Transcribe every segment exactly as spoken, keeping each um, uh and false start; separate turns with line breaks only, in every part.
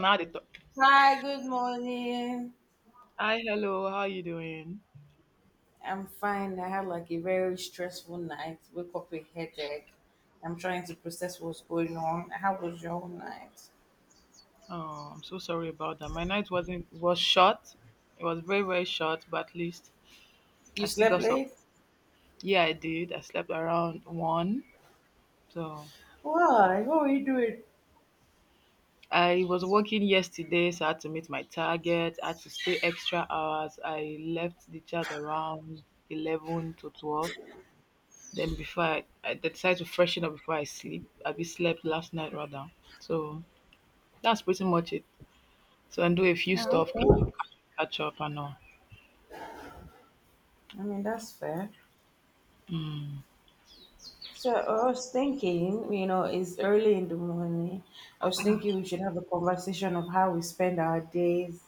Now they talk.
Hi, good morning.
Hi, hello, how you doing?
I'm fine. I had like a very stressful night. Wake up with headache. I'm trying to process what's going on. How was your night?
Oh, I'm so sorry about that. My night wasn't was short. It was very very short, but at least
You
I still
slept
got some.
late?
Yeah, I did. I slept around one. So
Why? What were you doing?
I was working yesterday, so I had to meet my target. I had to stay extra hours. I left the chat around eleven to twelve. Then before I, I decided to freshen up before I sleep. I be slept last night rather. So that's pretty much it. So and do a few
Oh,
stuff, catch up,
okay.
catch up, catch up and all.
I mean, that's fair. So I was thinking, you know, it's early in the morning. I was thinking we should have a conversation of how we spend our days,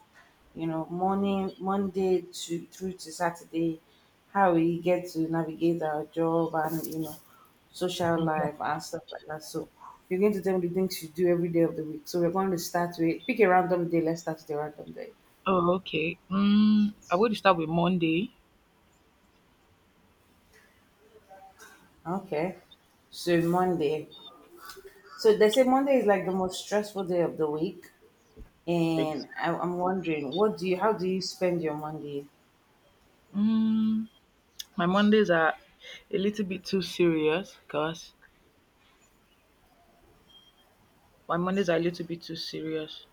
you know, morning, Monday to through to Saturday, how we get to navigate our job and, you know, social life and stuff like that. So you're going to tell me the things you do every day of the week. So we're going to start with pick a random day. Let's start with a random day.
Oh, okay. Mm, I would start with Monday.
Okay. So Monday. So they say Monday is like the most stressful day of the week.
Ex-
And I, I'm wondering, what do you, how do you spend your Monday?
Mm, my Mondays are a little bit too serious because my Mondays are a little bit too serious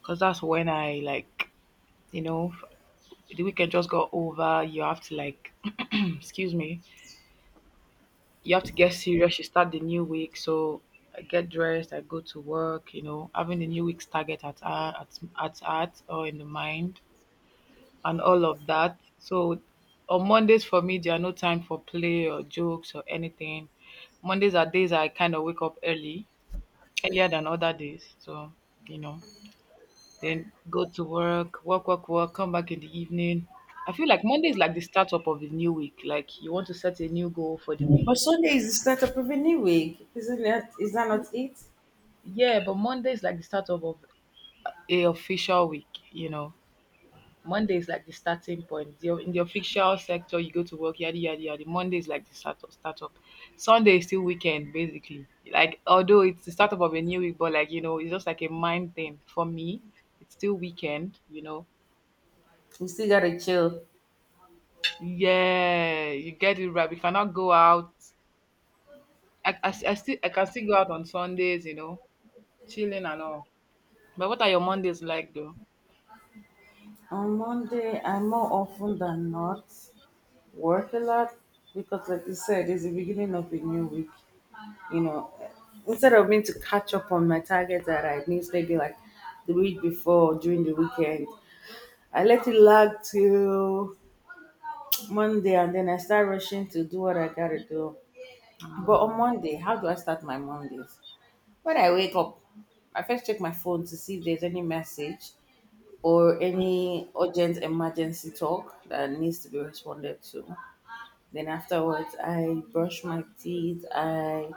because that's when I like, you know, f- the weekend just got over. You have to like, excuse me, you have to get serious. You start the new week, so I get dressed, I go to work. You know, having the new week's target at heart- at at heart or in the mind and all of that. So on Mondays for me, there are no time for play or jokes or anything. Mondays are days I kind of wake up early, earlier than other days. So, you know, then go to work, work, work, work, come back in the evening. I feel like Monday is like the start up of a new week. Like you want to set a new goal for the
But
week.
Sunday is the start of every new week, isn't that? Is that not it?
Yeah, but Monday is like the start up of a official week, you know. Monday is like the starting point. Your in the official sector, you go to work, yada yada yada. Monday is like the start of startup. Sunday is still weekend, basically. Like although it's the startup of a new week, but like you know, it's just like a mind thing for me. It's still weekend, you know.
We still gotta chill.
Yeah, you get it right. We cannot go out. I, I, I still I can still go out on Sundays, you know, chilling and all. But what are your Mondays like though?
On Monday, I more often than not work a lot because, like you said, it's the beginning of a new week. You know, Instead of me to catch up on my target that I missed maybe like the week before or during the weekend, I let it lag till Monday, and then I start rushing to do what I gotta do. But on
Mm,
Monday, how do I start my Mondays? When I wake up, I first check my phone to see if there's any message or any urgent emergency talk that needs to be responded to. Then afterwards, I brush my teeth, I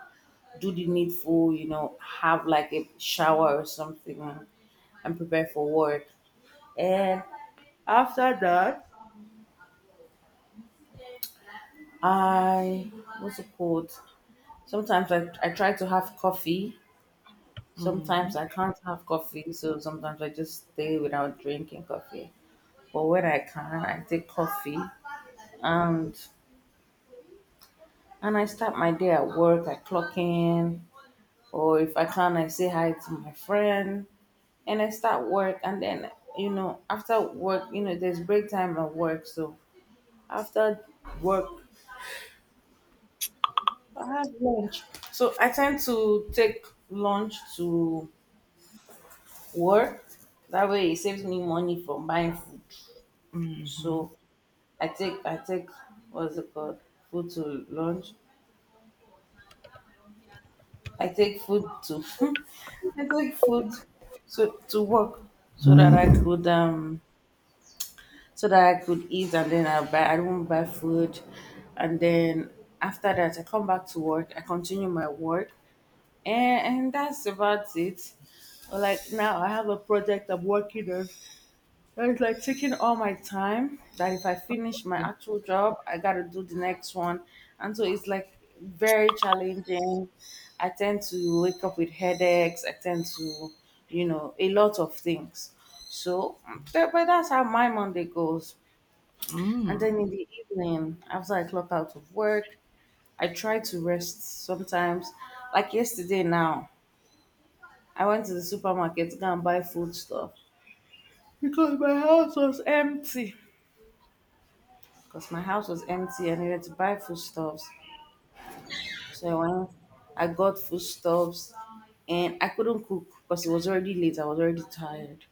do the needful, you know, have like a shower or something and prepare for work. And after that, I, what's it called? Sometimes I, I try to have coffee.
mm,
Sometimes I can't have coffee, so sometimes I just stay without drinking coffee. But when I can, I take coffee and and I start my day at work. I clock in, or if I can, I say hi to my friend, and I start work. And then you know, after work, you know, there's break time at work, so after work, I have lunch. So I tend to take lunch to work. That way it saves me money from buying food.
mm,
So I take I take what's it called? Food to lunch. I take food to I take food to to work so that I could um so that I could eat and then I buy I don't buy food and then after that I come back to work, I continue my work, and, and that's about it. Like now I have a project I'm working on. It's like taking all my time that if I finish my
mm,
actual job, I gotta do the next one. And so it's like very challenging. I tend to wake up with headaches, I tend to, you know, a lot of things. So that, but that's how my Monday goes. And
mm,
then in the evening, after I clock out of work, I try to rest sometimes. Like yesterday now, I went to the supermarket to go and buy food stuff because my house was empty. Because my house was empty. I needed to buy foodstuffs. So I went, I got foodstuffs and I couldn't cook because it was already late. I was already tired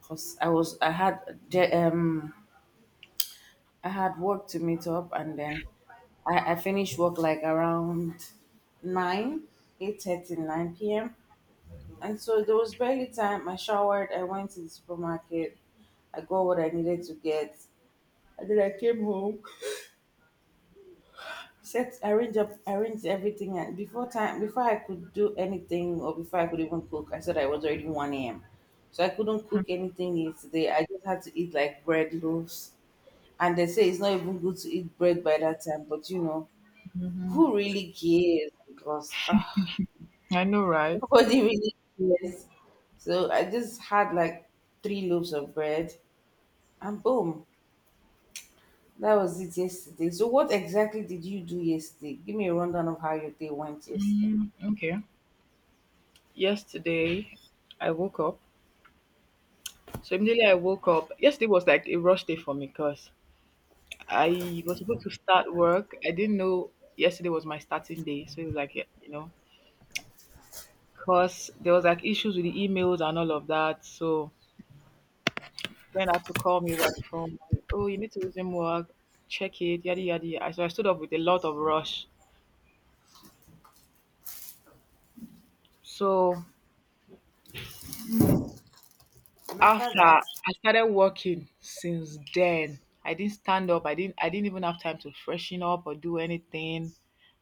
because I was, I had, de- um, I had work to meet up and then I, I finished work like around nine, eight thirty, nine p m. And so there was barely time. I showered, I went to the supermarket, I got what I needed to get. And then I came home, set arrange up arrange everything, and before time before I could do anything or before I could even cook, I said I was already one A M. So I couldn't cook anything yesterday. I just had to eat like bread loaves. And they say it's not even good to eat bread by that time, but you know,
mm.
who really cares? Because uh,
I know, right?
nobody really cares. So I just had like three loaves of bread and boom. That was it yesterday. So what exactly did you do yesterday? Give me a rundown of how your day went yesterday.
Mm, okay. Yesterday, I woke up. So immediately I woke up, yesterday was like a rush day for me because I was supposed to start work. I didn't know yesterday was my starting day. So it was like, yeah, you know, because there was like issues with the emails and all of that. So when I had to call me over the phone, like, oh, you need to resume work, check it, yada, yada, yada. So I stood up with a lot of rush. So
And after
after I
that,
started working since then, I didn't stand up. I didn't I didn't even have time to freshen up or do anything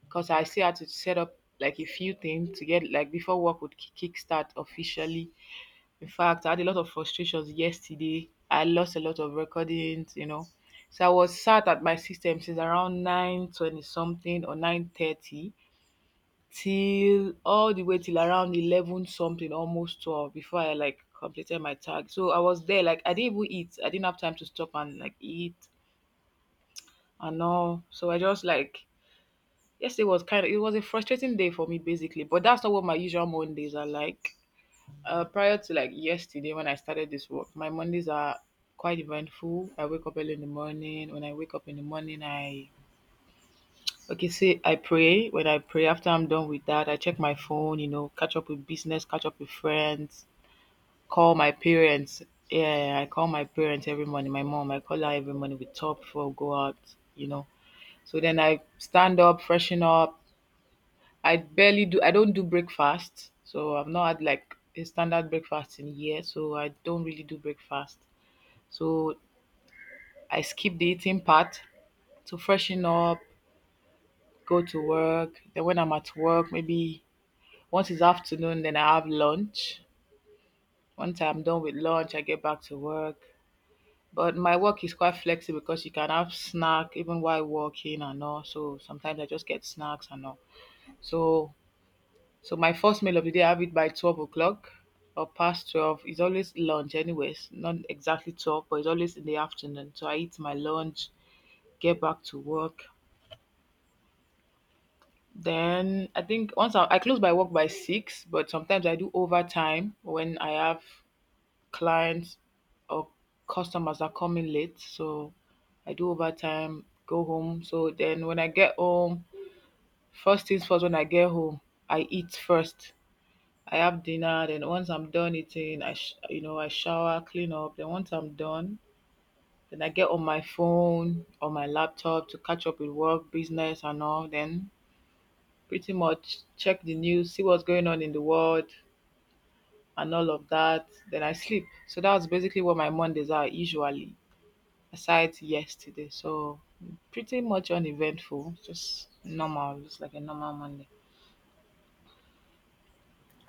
because I still had to set up like a few things to get like before work would ki- kickstart officially. In fact, I had a lot of frustrations yesterday. I lost a lot of recordings, you know. So I was sat at my system since around nine twenty something or nine thirty, till all the way till around eleven something, almost twelve, before I like completed my tag. So I was there like I didn't even eat. I didn't have time to stop and like eat and all. So I just like yesterday was kind of, it was a frustrating day for me basically. But that's not what my usual Mondays are like. Uh, prior to like yesterday when I started this work, my Mondays are quite eventful. I wake up early in the morning. When I wake up in the morning, I okay, say I pray. When I pray, after I'm done with that, I check my phone, you know, catch up with business, catch up with friends, call my parents. Yeah, I call my parents every morning. My mom, I call her every morning. We talk before we go out, you know. So then I stand up, freshen up. I barely do, I don't do breakfast. So I've not had like a standard breakfast in years. So I don't really do breakfast. So I skip the eating part to freshen up, go to work. Then when I'm at work, maybe once it's afternoon, then I have lunch. Once I'm done with lunch, I get back to work. But my work is quite flexible because you can have snack even while working and all. So sometimes I just get snacks and all. So so my first meal of the day I have it by twelve o'clock or past twelve. It's always lunch anyways, not exactly twelve, but it's always in the afternoon. So I eat my lunch, get back to work. Then I think once I, I close my work by six, but sometimes I do overtime when I have clients or customers are coming late, so I do overtime, go home. So then when I get home, first things first, when I get home, I eat first. I have dinner. Then once I'm done eating, I sh- you know I shower, clean up. Then once I'm done, then I get on my phone or my laptop to catch up with work, business, and all. Then pretty much check the news, see what's going on in the world, and all of that. Then I sleep. So that's basically what my Mondays are usually, aside yesterday. So pretty much uneventful, just normal, just like a normal Monday.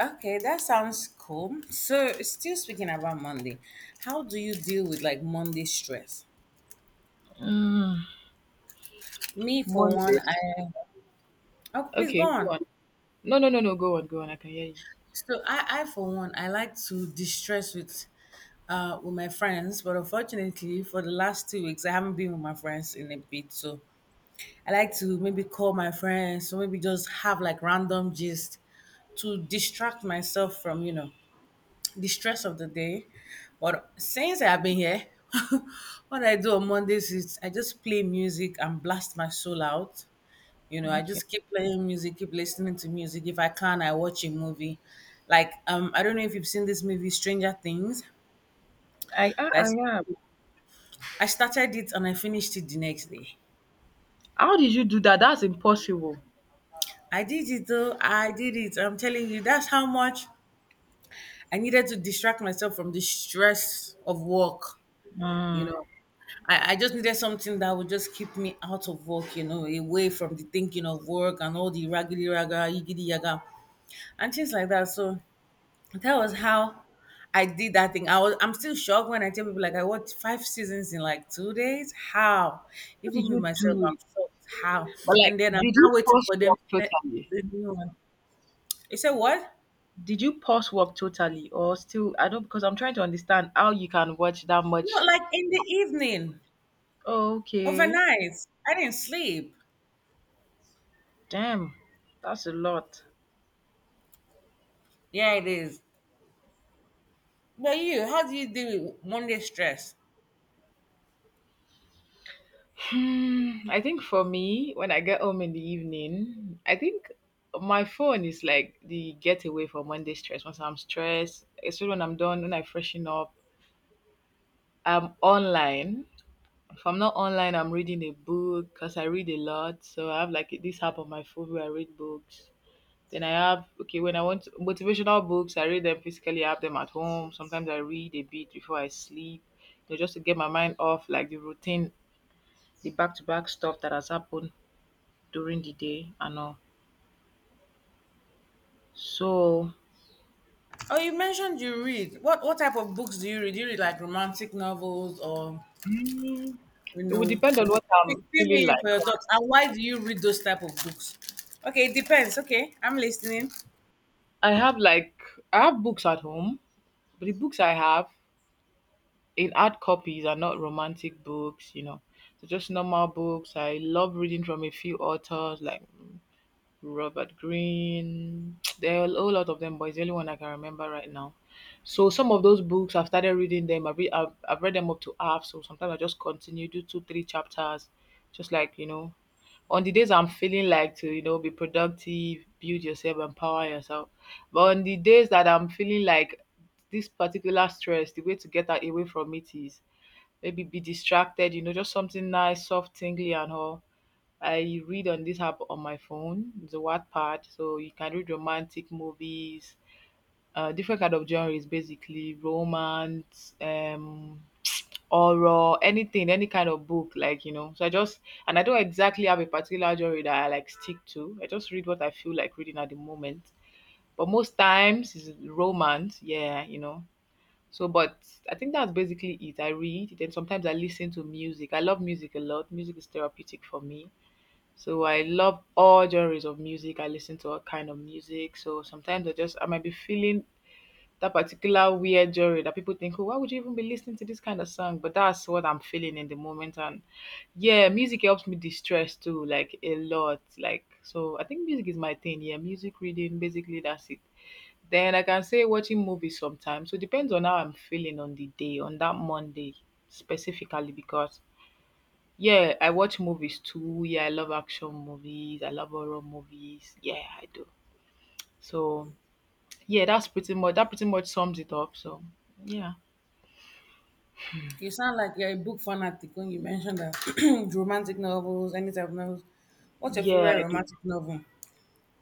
okay, that sounds cool. So, still speaking about Monday, how do you deal with like Monday stress?
Mm,
Me, for one,
Monday.
I oh please go
Okay, go
on.
on. No, no, no, no. Go on, go on. I can hear you.
So, I, I for one, I like to distress with, uh, with my friends. But unfortunately, for the last two weeks, I haven't been with my friends in a bit. So, I like to maybe call my friends, or maybe just have like random gist to distract myself from you know the stress of the day. But since I've been here, what I do on Mondays is I just play music and blast my soul out. You know, I
Okay.
just keep playing music, keep listening to music. If I can, I watch a movie. Like, um, I don't know if you've seen this movie, Stranger Things.
I, I,
Like,
I am.
I started it and I finished it the next day.
How did you do that? That's impossible.
I did it though. I did it. I'm telling you, that's how much I needed to distract myself from the stress of work. You
Mm.
know, I, I just needed something that would just keep me out of work, you know, away from the thinking of work and all the raggedy raga, yiggity yaga, and things like that. So that was how I did that thing. I was I'm still shocked when I tell people like I watched five seasons in like two days. How?
How did
Even me
you
myself,
do
I'm
it?
shocked. How?
But like,
And then I'm
did
now
you
waiting
pause
for them to
work
send
totally?
the new one. You said what?
Did you pause work totally, or still? I don't because I'm trying to understand how you can watch that
No,
much.
like in the evening,
Okay.
overnight. I didn't sleep.
Damn, that's a lot.
Yeah, it is. But you, how do you deal with Monday stress?
Mm, I think for me, when I get home in the evening, I think my phone is like the getaway for Monday stress. Once I'm stressed, especially when I'm done, when I freshen up, I'm online. If I'm not online, I'm reading a book because I read a lot. So I have like this app on my phone where I read books. Then I have, okay, when I want motivational books, I read them physically, I have them at home. Sometimes I read a bit before I sleep, you know, just to get my mind off like the routine, the back to back stuff that has happened during the day and all. So
Oh, you mentioned you read. What what type of books do you read? Do you read like romantic novels or
Mm,
you
it
know?
would depend on what
fi-
I'm
Fill
feeling
me in
like.
for your thoughts. And why do you read those type of books? Okay, it depends. Okay, I'm listening.
I have like I have books at home, but the books I have in hard copies are not romantic books, you know. They're just normal books. I love reading from a few authors, like Robert Greene. There are a whole lot of them, but it's the only one I can remember right now. So some of those books I've started reading them. I've read, I've, I've read them up to half. So sometimes I just continue do two three chapters, just like you know. On the days I'm feeling like to you know be productive, build yourself, empower yourself. But on the days that I'm feeling like this particular stress, the way to get a- away from it is maybe be distracted. You know, just something nice, soft, tingly, and all, I read on this app on my phone, the Wattpad, so you can read romantic movies, uh, different kind of genres basically, romance, um, horror, anything, any kind of book, like you know. So I just and I don't exactly have a particular genre that I like stick to. I just read what I feel like reading at the moment. But most times is romance, yeah, you know. So, but I think that's basically it. I read, then sometimes I listen to music. I love music a lot. Music is therapeutic for me. So I love all genres of music. I listen to all kind of music. So sometimes I just I might be feeling that particular weird genre that people think, oh, why would you even be listening to this kind of song? But that's what I'm feeling in the moment. And yeah, music helps me distress too, like a lot. Like so I think music is my thing. Yeah, music reading, basically that's it. Then I can say watching movies sometimes. So it depends on how I'm feeling on the day, on that Monday specifically because yeah, I watch movies too. Yeah, I love action movies. I love horror movies. Yeah, I do. So, yeah, that's pretty much that pretty much sums it up. So, yeah.
You sound like you're a book fanatic when you mentioned that romantic novels, any type of novels. What's your
Yeah,
favorite
I do.
romantic novel?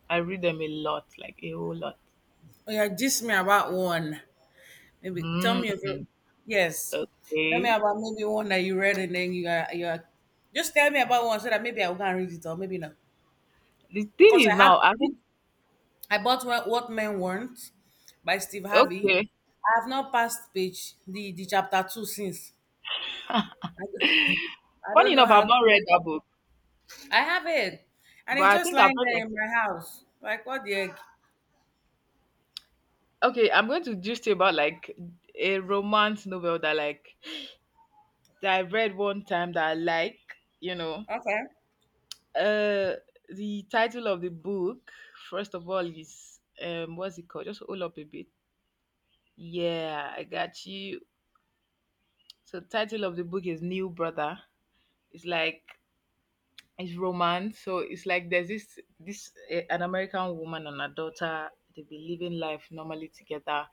I read them a lot, like a whole lot.
Oh yeah, just me about one. Maybe tell me if you.
Mm,
Yes. Tell me
okay.
about maybe one that you read and then you are you are just tell me about one so that maybe I will go and read it or maybe not.
The thing
Because
is
I have
now, I
books.
think
I bought What, what Men Want by Steve Harvey.
okay.
I have not passed page the, the chapter two since. I, don't- I
Funny
don't know
enough,
how
I've
to
not
do
read
it.
that book,
I have it, and
but
it's
I
just
think I've
lying
read
there
like
in my house. Like what the heck?
okay. I'm going to just about like a romance novel that like that I read one time that I like, you know,
Okay.
Uh, the title of the book, first of all, is um, what's it called? Just hold up a bit. Yeah, I got you. So, title of the book is New Brother. It's like it's romance. So it's like there's this this uh, an American woman and her daughter. They've been living life normally together.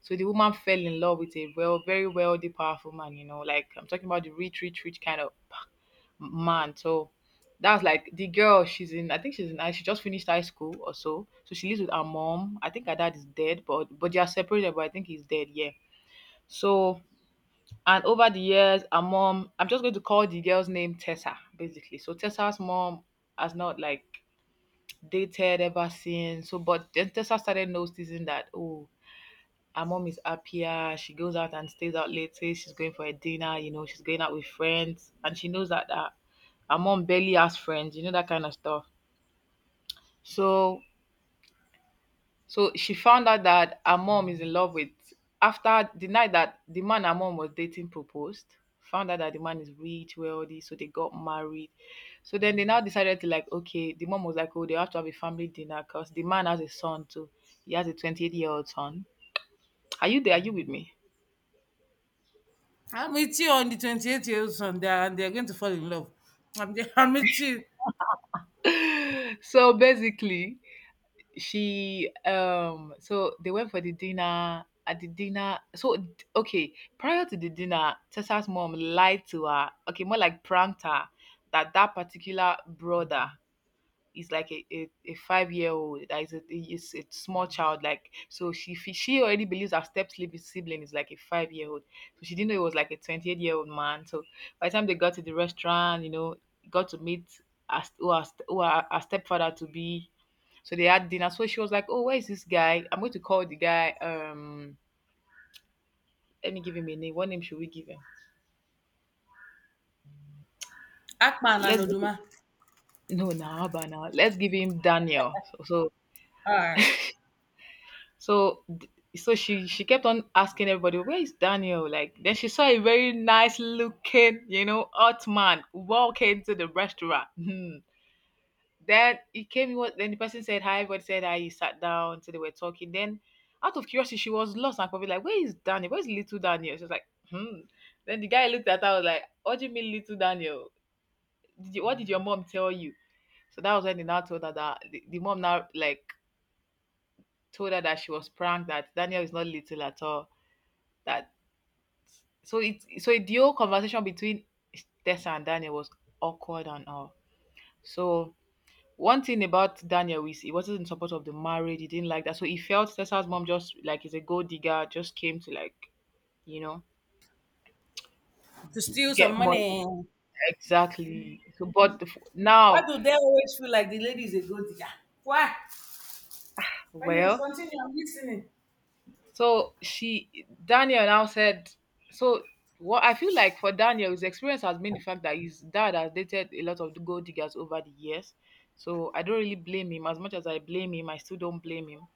So the woman fell in love with a well, very wealthy, powerful man. You know, like I'm talking about the rich, rich, rich kind of man. So that's like the girl. She's in. I think she's in. She just finished high school or so. So she lives with her mom. I think her dad is dead, but but they are separated. But I think he's dead. Yeah. So and over the years, our mom, I'm just going to call the girl's name Tessa, basically. So Tessa's mom has not like dated ever since. So, but then Tessa started noticing that, oh, her mom is happier. She goes out and stays out late. She's going for a dinner, you know, she's going out with friends. And she knows that uh, her mom barely has friends, you know, that kind of stuff. So so she found out that her mom is in love with after the night that the man her mom was dating proposed, found out that the man is rich, wealthy, so they got married. So then they now decided to like, okay, the mom was like, oh, they have to have a family dinner because the man has a son too. He has a twenty-eight year old son. Are you there? Are you with me?
I'll meet you on the twenty-eighth years, and they're, and they're going to fall in love. I'm there, I'll meet you.
So basically, she um so they went for the dinner at the dinner so d- okay prior to the dinner, Tessa's mom lied to her, okay, more like pranked her that that particular brother is like a, a, a five-year-old old, that is a, is a small child, like so she fe- she already believes her step sibling sibling is like a five-year-old old, so she didn't know it was like a twenty-eight year old man. So by the time they got to the restaurant, you know, got to meet her, st- who her, st- who her, her stepfather to be. So they had dinner, so she was like, oh, where is this guy? I'm going to call the guy, um let me give him a name. What name should we give him?
Akman and
Let's give him,
Oduma.
no now nah, now let's give him Daniel. So, so
Alright,
So th- so she she kept on asking everybody, "Where is Daniel?" Like, then she saw a very nice looking, you know, hot man walk into the restaurant. Hmm. Then he came in. What, then the person said hi. Everybody said hi. He sat down. So they were talking. Then out of curiosity, she was lost and probably like, "Where is Daniel? Where is little Daniel?" She was like, "Hmm." Then the guy looked at her. Was like, "What do you mean, little Daniel? Did you, what did your mom tell you?" So that was when they now told her that the, the mom now like told her that she was pranked, that Daniel is not little at all, that so it so it, the whole conversation between Tessa and Daniel was awkward and all. So one thing about Daniel is he wasn't in support of the marriage. He didn't like that. So he felt Tessa's mom just like is a gold digger, just came to like, you know,
to steal some
get money
money.
exactly. So but the, f-
Why
now
do they always feel like the lady is a goat digger? Why? Anyways,
well.
continue. I'm listening.
So she Daniel now said so what I feel like for Daniel, his experience has been the fact that his dad has dated a lot of the gold diggers over the years. So I don't really blame him. As much as I blame him, I still don't blame him.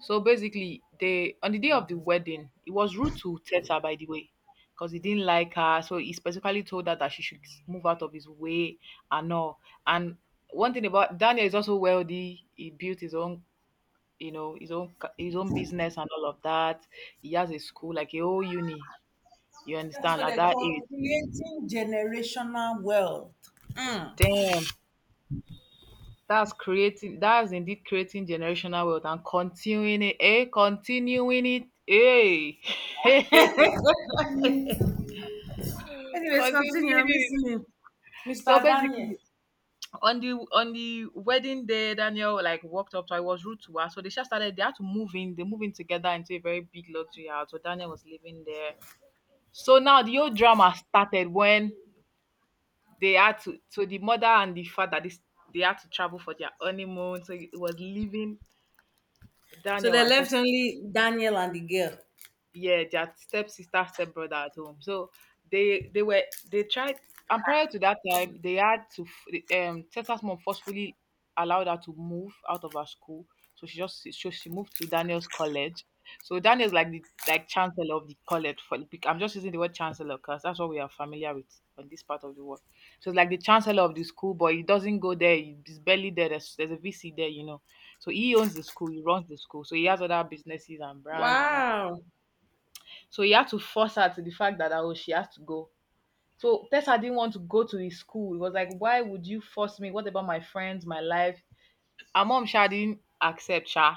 So basically, they on the day of the wedding, it was rude to Tessa, by the way, because he didn't like her. So he specifically told her that she should move out of his way and all. And one thing about Daniel is also wealthy. He built his own, you know, his own ca- his own business and all of that. He has a school like a whole uni. You
That's
understand
what
at
they
that age.
call creating generational wealth. Mm.
Damn, that's creating. That's indeed creating generational wealth and continuing it. Eh, continuing it. Hey,
Anyways, continue.
continuing
I'm
it.
listening. Mister
So
Daniel.
basically, on the on the wedding day, Daniel like walked up to her. I was rude to her, so they just started. They had to move in. They moved in together into a very big luxury house. So Daniel was living there. So now the old drama started when they had to so the mother and the father this they had to travel for their honeymoon, so it was leaving
So
Daniel
they
and
left only Daniel and the girl.
yeah, their stepsister, stepbrother at home. So they they were they tried. And prior to that time, they had to f- um Tessa's mom forcefully allowed her to move out of her school. So she just so she moved to Daniel's college. So Daniel's like the like chancellor of the college for I'm just using the word chancellor because that's what we are familiar with on this part of the world. So it's like the chancellor of the school, but he doesn't go there. He's barely there. There's, there's a V C there, you know. So he owns the school. He runs the school. So he has other businesses and brand and all.
Wow.
So he had to force her to the fact that oh, she has to go. So Tessa didn't want to go to his school. It was like, why would you force me? What about my friends, my life? Her mom Sha didn't accept Sha.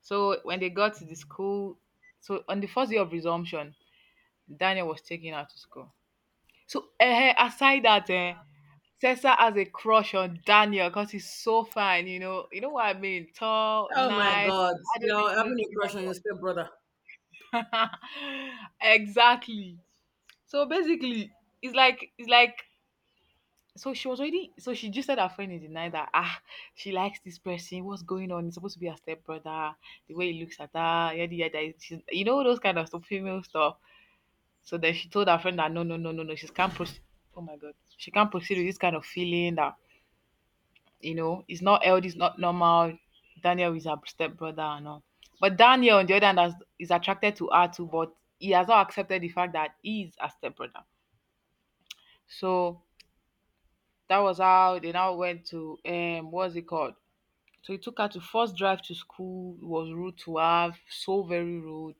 So when they got to the school, so on the first day of resumption, Daniel was taking her to school. So uh, aside that, uh, Tessa has a crush on Daniel because he's so fine, you know. You know what I mean? Tall,
Oh my
nice,
God.
I don't
You're
need
having a crush on your step brother.
to look. Exactly. So basically, it's like it's like so she was already so she just said her friend is denying that ah she likes this person. What's going on? It's supposed to be her stepbrother. The way he looks at her, yada yada. She's, you know those kind of stuff, female stuff. So then she told her friend that no no no no no she can't proceed. Oh my god, she can't proceed with this kind of feeling that you know it's not healthy, it's not normal. Daniel is her stepbrother and all. But Daniel on the other hand has, is attracted to her too, but he has not accepted the fact that he is her stepbrother. So that was how they now went to um what's it called? So he took her to first drive to school. It was rude to her, so very rude.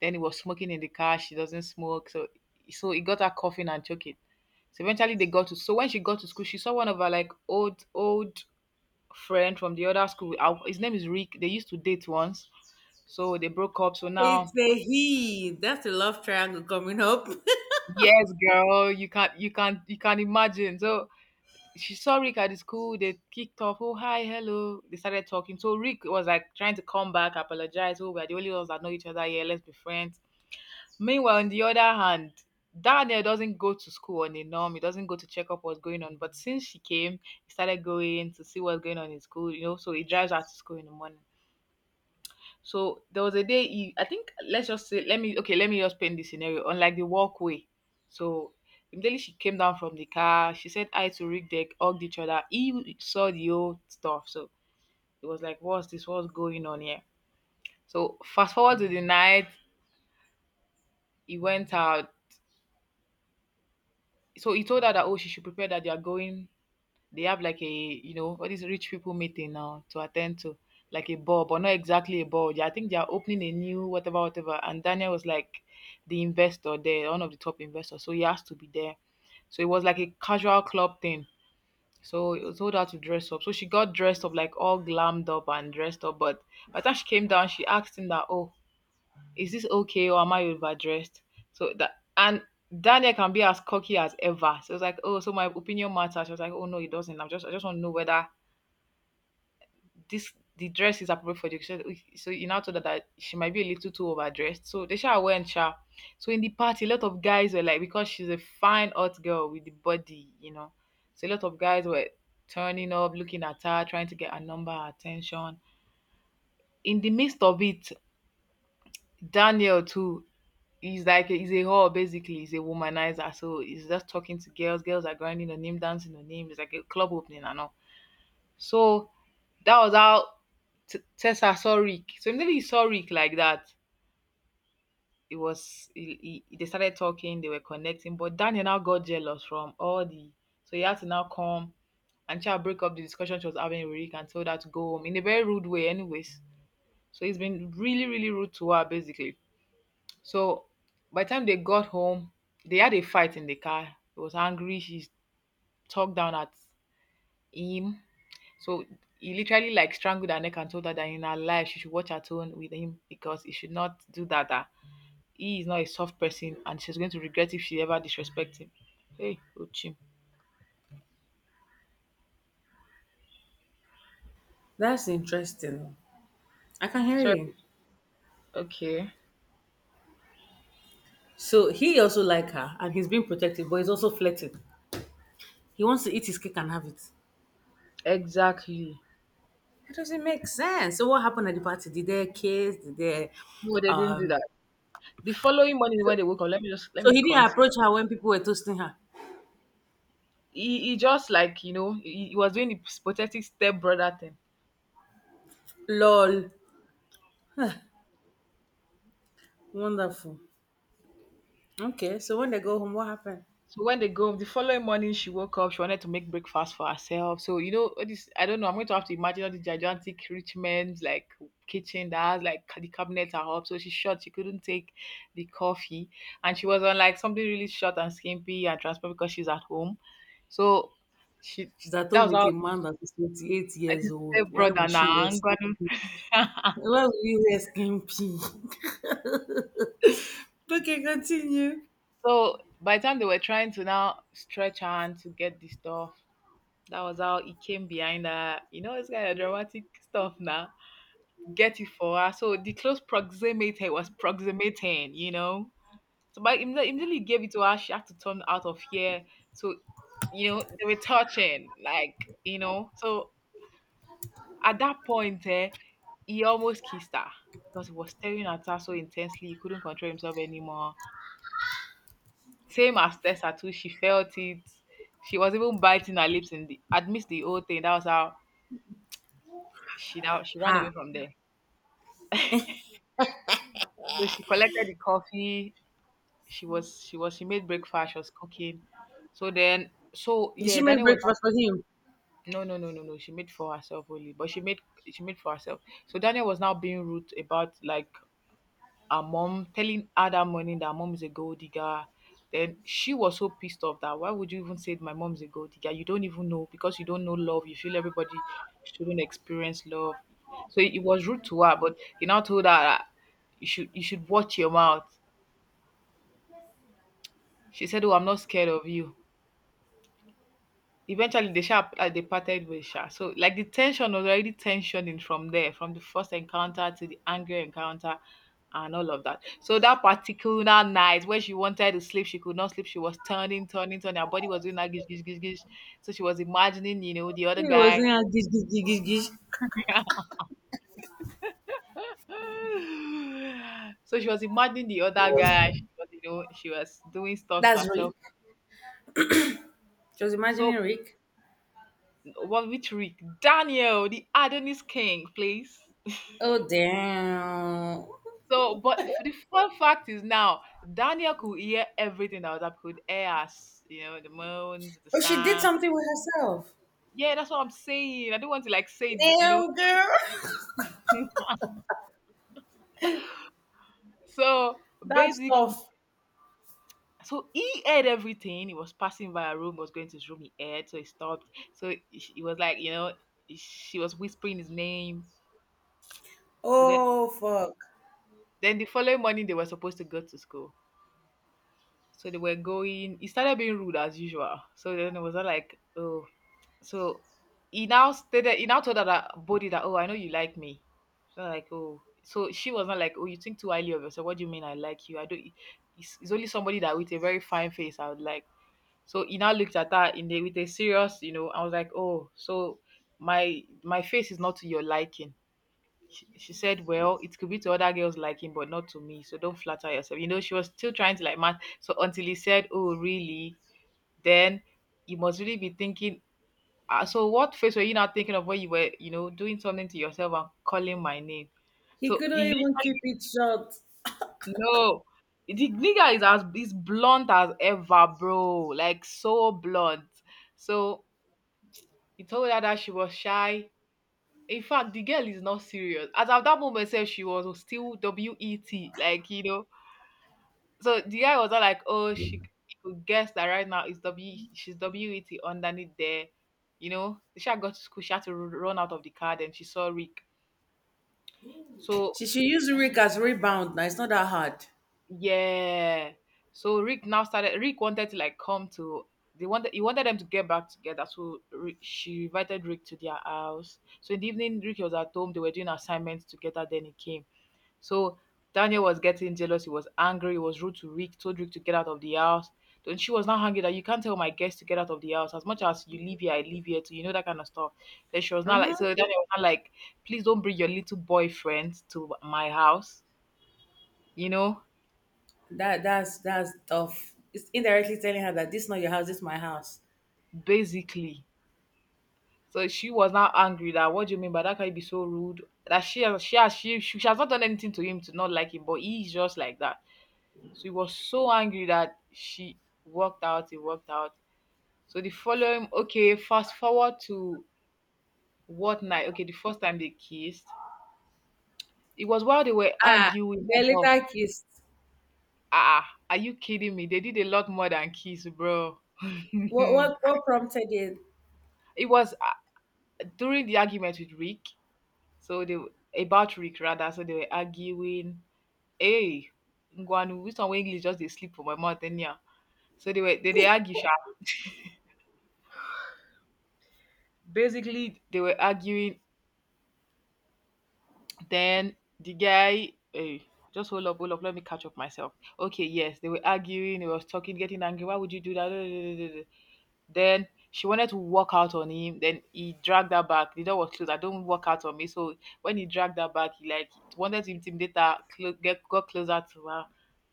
Then he was smoking in the car. She doesn't smoke, so so he got her coughing and choking. So eventually they got to. So when she got to school, she saw one of her like old old friend from the other school. Our- His name is Rick. They used to date once, so they broke up. So
It's
now,
a he. That's a love triangle coming up.
yes, girl, you can't you can't you can't imagine. So she saw Rick at the school. They kicked off. Oh, hi, hello. They started talking. So Rick was like trying to come back, apologize. Oh, we're the only ones that know each other here. Let's be friends. Meanwhile, on the other hand, Daniel doesn't go to school on a norm. He doesn't go to check up what's going on. But since she came, he started going to see what's going on in school. You know, so he drives her to school in the morning. So there was a day he, I think let's just say let me okay, let me just paint the scenario on like the walkway. So immediately she came down from the car, she said hi to Rick. They hugged each other. He saw the old stuff. So it was like, what's this? What's going on here? So fast forward to the night, he went out. So he told her that, oh, she should prepare that they are going, they have like a, you know all these rich people meeting now to attend to, like a ball but not exactly a ball. Yeah, I think they are opening a new whatever whatever, and Daniel was like the investor there, one of the top investors, so he has to be there. So it was like a casual club thing, so it was told her to dress up. So she got dressed up, like all glammed up and dressed up, but by the time she came down she asked him that, oh, is this okay or am I overdressed? So that, and Daniel can be as cocky as ever. So it's like, oh, so my opinion matters. She was like, oh no, it doesn't. I'm just I just want to know whether this the dress is appropriate for the occasion. So you now told her that she might be a little too overdressed. So they shall went sha. So in the party, a lot of guys were like, because she's a fine hot girl with the body, you know. So a lot of guys were turning up, looking at her, trying to get her number, her attention. In the midst of it, Daniel too, he's like he's a whore basically. He's a womanizer, so he's just talking to girls. Girls are grinding on him, dancing on him. It's like a club opening and all. So that was how T- Tessa saw Rick. So immediately he saw Rick like that. It was he, he, they started talking, they were connecting, but Daniel now got jealous from all the, so he had to now come and try to break up the discussion she was having with Rick, and told her to go home in a very rude way, anyways. So he's been really, really rude to her basically. So by the time they got home, they had a fight in the car. He was angry. She talked down at him. So he literally like strangled her neck and told her that in her life she should watch her tone with him, because he should not do that. That he is not a soft person and she's going to regret if she ever disrespects him. Hey, Uchi.
That's interesting. I can hear
Sorry.
you.
Okay.
So he also like her and he's being protective, but he's also flirting. He wants to eat his cake and have it.
Exactly.
It doesn't make sense. So what happened at the party? Did they kiss? Did they
No, they didn't do
um
that. The following morning
so,
when they woke up, let me just let
so
me
he didn't
continue.
approach her when people were toasting her.
He, he just like you know he, he was doing the pathetic step brother thing.
Lol. Wonderful. Okay, so when they go home, what happened?
So when they go, the following morning she woke up, she wanted to make breakfast for herself. So, you know, all this, I don't know, I'm going to have to imagine all the gigantic rich men's like kitchen that has like the cabinets are up. So she's short, she couldn't take the coffee. And she was on like something really short and skimpy and transparent because she's at home. So she,
She's at
that
home
was
with
how,
a man that is twenty-eight
I
years
just
old. Why
stepbrother
would
and her
she wear
uncle.
skimpy? Why would he wear skimpy? Okay, continue.
So by the time they were trying to now stretch her hand to get the stuff, that was how he came behind her. You know, it's kind of dramatic stuff now, get it for her. So the close proximity was proximating, you know. So but imme- immediately he gave it to her, she had to turn out of here. So, you know, they were touching, like, you know. So at that point, eh, he almost kissed her, because he was staring at her so intensely he couldn't control himself anymore. Same as Tessa too, she felt it. She was even biting her lips and the, amidst the whole thing. That was how she now she ran
Ha.
away from there. So she collected the coffee. She was she was she made breakfast, she was cooking. So then so
Did she
Yeah,
make
Daniel was,
breakfast for him?
no no no no no, she made for herself only, but she made she made for herself. So Daniel was now being rude about like her mom, telling her that morning that her mom is a gold digger. Then she was so pissed off that why would you even say my mom is a gold digger, you don't even know, because you don't know love, you feel everybody shouldn't experience love. So it was rude to her, but he now told her that you should you should watch your mouth. She said, oh, I'm not scared of you. Eventually they sha, uh, they parted ways sha. So like the tension was already tensioning from there, from the first encounter to the angry encounter and all of that. So that particular night when she wanted to sleep she could not sleep, she was turning turning turning, her body was doing that gish, gish, gish, gish. So she was imagining, you know, the other
He was
guy.
in a gish, gish, gish, gish, gish.
So she was imagining the other guy, she was, you know, she was doing stuff to
That's Rick.
herself.
She was
So
imagining Rick.
what? Which Rick? Daniel the Adonis king, please.
Oh, damn.
So, but f- the fun fact is now Daniel could hear everything that was up, could hear us, you know, the moans, the
Oh, she did
sound.
something with herself.
Yeah, that's what I'm saying. I don't want to like say it, you know.
Damn, girl.
So
That's
basically,
tough.
so he heard everything. He was passing by her room, was going to his room. He heard, so he stopped. So he he was like, you know, she was whispering his name. So then,
Oh, fuck.
then the following morning they were supposed to go to school. So they were going. He started being rude as usual. So then it was not like, oh. So he now stated he now told her that body that, oh, I know you like me. So I'm like, oh, so she was not like, oh, you think too highly of yourself. What do you mean I like you? I don't. It's, it's only somebody that with a very fine face I would like. So he now looked at her in the with a serious, you know. I was like, oh, so my my face is not to your liking. She, she said, well, it could be to other girls liking but not to me. So don't flatter yourself. You know she was still trying to like match. So until he said, oh really, then you must really be thinking, uh, so what face were you not thinking of when you were, you know, doing something to yourself and calling my name?
He
So
couldn't
he
even keep it short.
No, the nigga is as is blunt as ever, bro. Like so blunt. So he told her that she was shy. In fact, the girl is not serious. As of that moment, sef, she was still W E T. Like, you know, so the guy was not like, oh, she, he could guess that right now is W. She's W E T underneath there. You know, she had got to school. She had to r- run out of the car. Then she saw Rick. So
She should use Rick as rebound. Now, it's not that hard.
yeah. So Rick now started Rick wanted to like come to, they wanted he wanted them to get back together. So Rick, she invited Rick to their house. So in the evening, Rick was at home, they were doing assignments together, then he came. So Daniel was getting jealous, he was angry, he was rude to Rick, told Rick to get out of the house. Then she was not hungry that you can't tell my guests to get out of the house. As much as you live here, I live here too, you know that kind of stuff. Then she was not like, so
Mm-hmm.
Daniel was not like, please don't bring your little boyfriend to my house, you know,
That That's that's tough. It's indirectly telling her that this is not your house, this is my house.
basically. So she was now angry that what do you mean by that? Can you be so rude? That she has she has she, she has not done anything to him to not like him, but he's just like that. So he was so angry that she walked out, he walked out. So the following, okay, fast forward to what night? Okay, the first time they kissed. It was while they were
Ah,
arguing
they
and all.
later kissed.
Ah, are you kidding me? They did a lot more than kiss, bro.
What,
It
what, what prompted it?
was uh, during the argument with Rick. So they w- about Rick rather, so they were arguing. Hey, Ngwanu, which one wey English just they sleep for my mouth anyhow. So they were they, they argue sharp. Basically, they were arguing. Then the guy, hey, just hold up, hold up, let me catch up myself. Okay, yes, they were arguing, he was talking, getting angry. Why would you do that? Then she wanted to walk out on him. Then he dragged her back. The door was closed. I don't walk out on me. So when he dragged her back, he like wanted to intimidate her, clo- get got closer to her,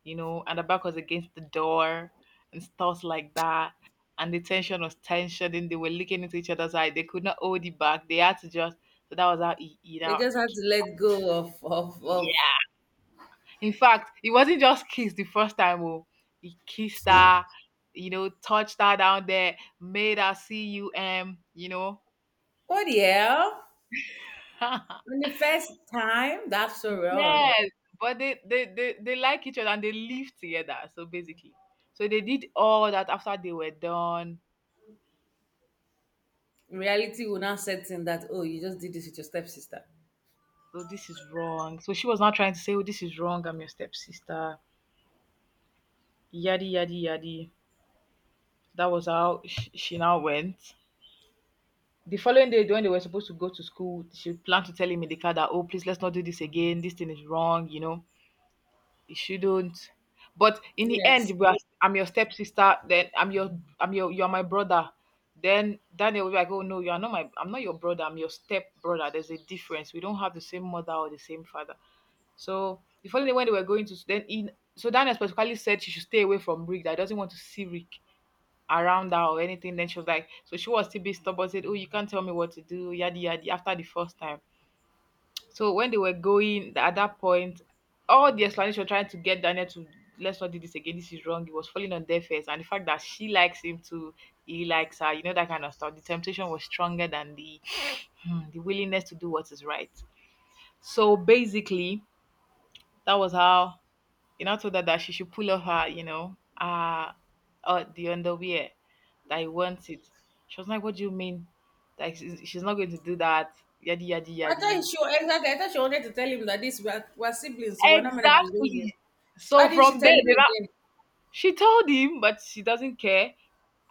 you know, and the back was against the door and stuff like that. And the tension was tension. Then they were looking into each other's eye. They could not hold it back. They had to just. So that was how he, he
They
now
just
he,
had to let go of, of, of.
yeah. In fact, it wasn't just kiss the first time, oh. He kissed her, you know, touched her down there, made her see you, um, you know.
What the hell? When the first time, that's so wrong.
Yes. But they, they, they, they like each other and they live together. So basically. So they did all that after they were done.
Reality will now set in that, oh, you just did this with your stepsister.
So this is wrong. So she was not trying to say, oh, this is wrong. I'm your stepsister. Yadi, yadi, yadi. That was how sh- she now went. The following day, when they were supposed to go to school, she planned to tell him in the car that, oh, please, let's not do this again. This thing is wrong, you know. You shouldn't. But in the end,
Yes.
we are, I'm your stepsister. Then I'm your, I'm your, you're my brother. Then Daniel will be like, oh no, you are not my, I'm not your brother. I'm your step brother. There's a difference. We don't have the same mother or the same father. So the following day, when they were going to, then in, so Daniel specifically said she should stay away from Rick. That he doesn't want to see Rick around her or anything. Then she was like, so she was still a stubborn, said, oh, you can't tell me what to do, yadi yadi, after the first time. So when they were going th- at that point, all the explanation trying to get Daniel to let's not do this again, this is wrong. He was falling on deaf ears. And the fact that she likes him too, he likes her, you know, that kind of stuff. The temptation was stronger than the hmm, the willingness to do what is right. So basically, that was how you know, I told her that she should pull off her, you know, uh, uh the underwear that he wants it. She was like, what do you mean? Like she's she's not going to do that. Yadi yadi
I thought
yadi.
she. Exactly. I thought she wanted to tell him that this we're, we're siblings, so we're not meant to be doing here.
Exactly.
Why
So
didn't she
from
tell
there,
him
they not,
again?
she told him, but she doesn't care,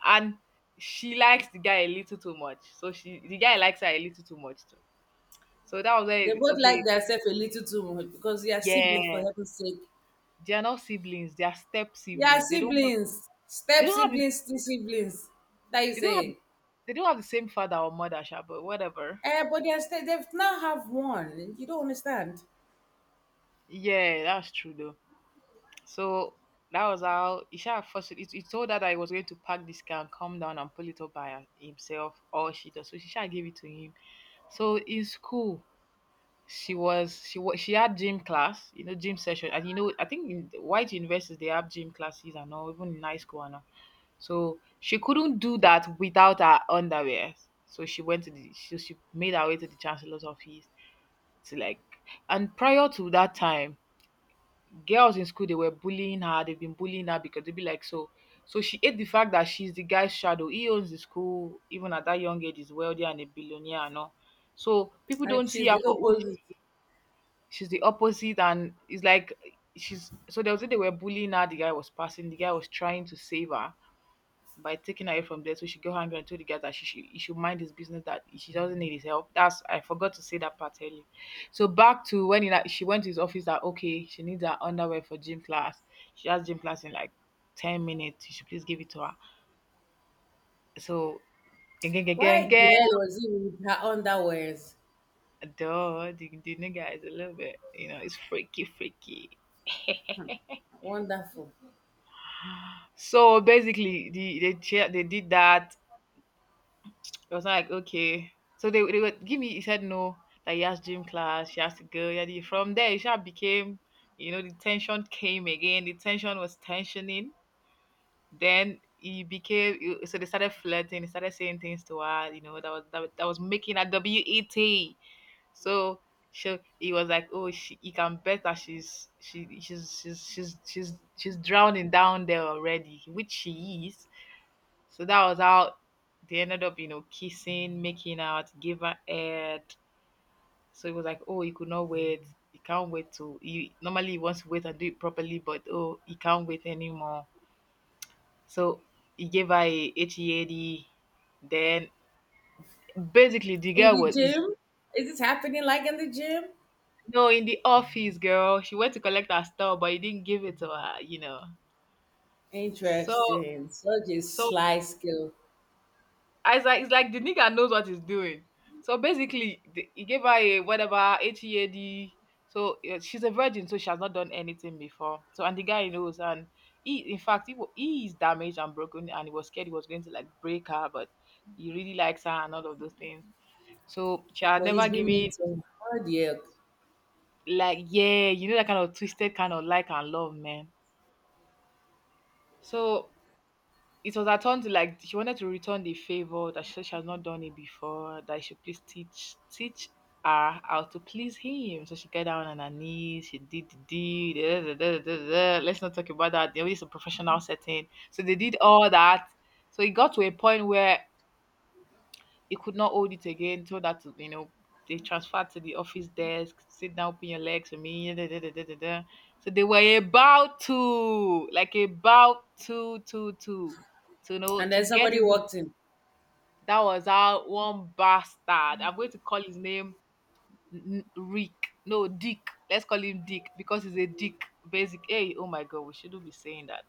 and she likes the guy a little too much. So she, the guy likes her a little too much too. So that was
They
like,
both like
okay,
themselves a little too much because they are siblings for
yeah,
heaven's sake.
they are not siblings. They are step
They are
siblings. They don't have,
siblings,
they
step
don't have,
siblings, two siblings. That is
they don't have
saying.
they don't have the same father or mother, sha, but whatever.
Eh, but they are st- they've now have one. You don't understand.
Yeah, that's true though. So that was how Isha first he, he told her that he was going to pack this car and come down and pull it up by himself or she does. So Isha gave it to him. So in school, she was she was she had gym class, you know, gym session. And you know, I think in the white universities they have gym classes and all, even in high school and all. So she couldn't do that without her underwear. So she went to the so she made her way to the chancellor's office. It's like, and prior to that time, girls in school, they were bullying her, they've been bullying her because they'd be like so. So she hate the fact that she's the guy's shadow. He owns the school, even at that young age, is wealthy and a billionaire and all. So people
And
don't see
she's
her
the
for who
opposite.
she, she's the opposite, and it's like she's, so they was a day they were bullying her, the guy was passing, the guy was trying to save her by taking her away from there, so she go angry and told the guy that she should, he should mind his business, that she doesn't need his help. That's I forgot to say that part earlier. So back to when he, like, she went to his office, that okay, she needs her underwear for gym class. She has gym class in like ten minutes, you should please give it to her. So again again
Why the
again,
hell was he with her underwears?
duh, the, the nigga is a little bit, you know it's freaky freaky.
Wonderful.
So basically the, they they did that. It was like, okay. So they, they would give me, he said no, that he has gym class, she has to go. Yeah, the- from there, it just became, you know, the tension came again. The tension was tensioning. Then he became, so they started flirting. He started saying things to her, you know, that was that was that, was- making her W E T. So she, he was like, oh, she, he can bet that she's, she, she's, she's, she's, she's, she's drowning down there already, which she is. So that was how they ended up, you know, kissing, making out, give her head. So it was like, oh, he could not wait. He can't wait to. He normally he wants to wait and do it properly, but oh, he can't wait anymore. So he gave her a HEAD. Then basically the
In
girl
the
was is
gym? Is this happening like in the gym?
no, in the office, girl. She went to collect her stuff, but he didn't give it to her. You know, so
Interesting. Such a
so
sly skill.
I was like, it's like the nigga knows what he's doing. So basically, the, he gave her a whatever H E A D. So uh, she's a virgin, so she has not done anything before. So and the guy knows, and he, in fact, he, wa- he is damaged and broken, and he was scared he was going to like break her, but he really likes her and all of those things. So she had
But he's
never
been mean
given
to him. Oh dear.
like, yeah, you know that kind of twisted kind of like and love, man. So it was her turn to like she wanted to return the favor, that she said she has not done it before, that she should please teach teach her how to please him. So she got down on her knees, she did the deed, da, da, da, da, da, da. Let's not talk about that. There was a professional setting, so they did all that. So it got to a point where he could not hold it again, told that to, you know, they transferred to the office desk, sit down, open your legs for me. Yeah, da, da, da, da, da, da. So they were about to, like about to, to, to, to know,
And
to
then
get
somebody
into.
walked in.
That was how one bastard. I'm going to call his name N- Rick. No, Dick. Let's call him Dick because he's a dick. Basic. Hey, oh my God, we shouldn't be saying that.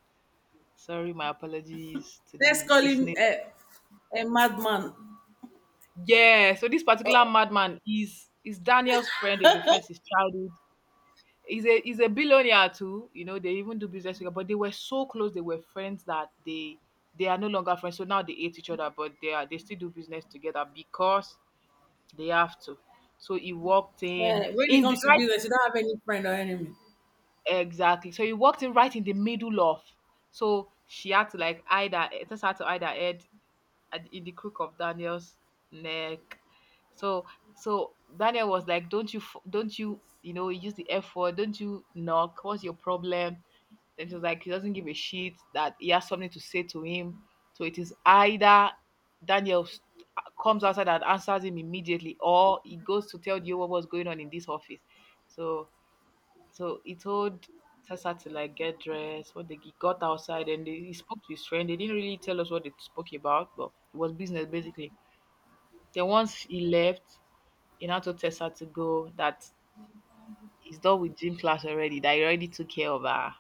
Sorry, my apologies to
Let's
the
call him
listening.
a, a madman.
Yeah, so this particular madman is is Daniel's friend. They've been friends since childhood. He's a he's a billionaire too. You know, they even do business together. But they were so close. They were friends that they they are no longer friends. So now they hate each other, but they are they still do business together because they have to. So he walked in
Eh, when it
in the
comes to
right,
business, you don't have any friend or enemy.
exactly. So he walked in right in the middle of. So she had to like hide her. It just had to hide her head at, in the crook of Daniel's neck. So so Daniel was like, "Don't you f- don't you you know use the F word? Don't you knock? What's your problem?" Then she was like, "He doesn't give a shit that he has something to say to him." So it is either Daniel s- comes outside and answers him immediately, or he goes to tell you what was going on in this office. So so he told Tessa to like get dressed. What they he got outside and they, he spoke to his friend. They didn't really tell us what they spoke about, but it was business basically. Then once he left, he now told Tessa to go that he's done with gym class already. That he already took care of her.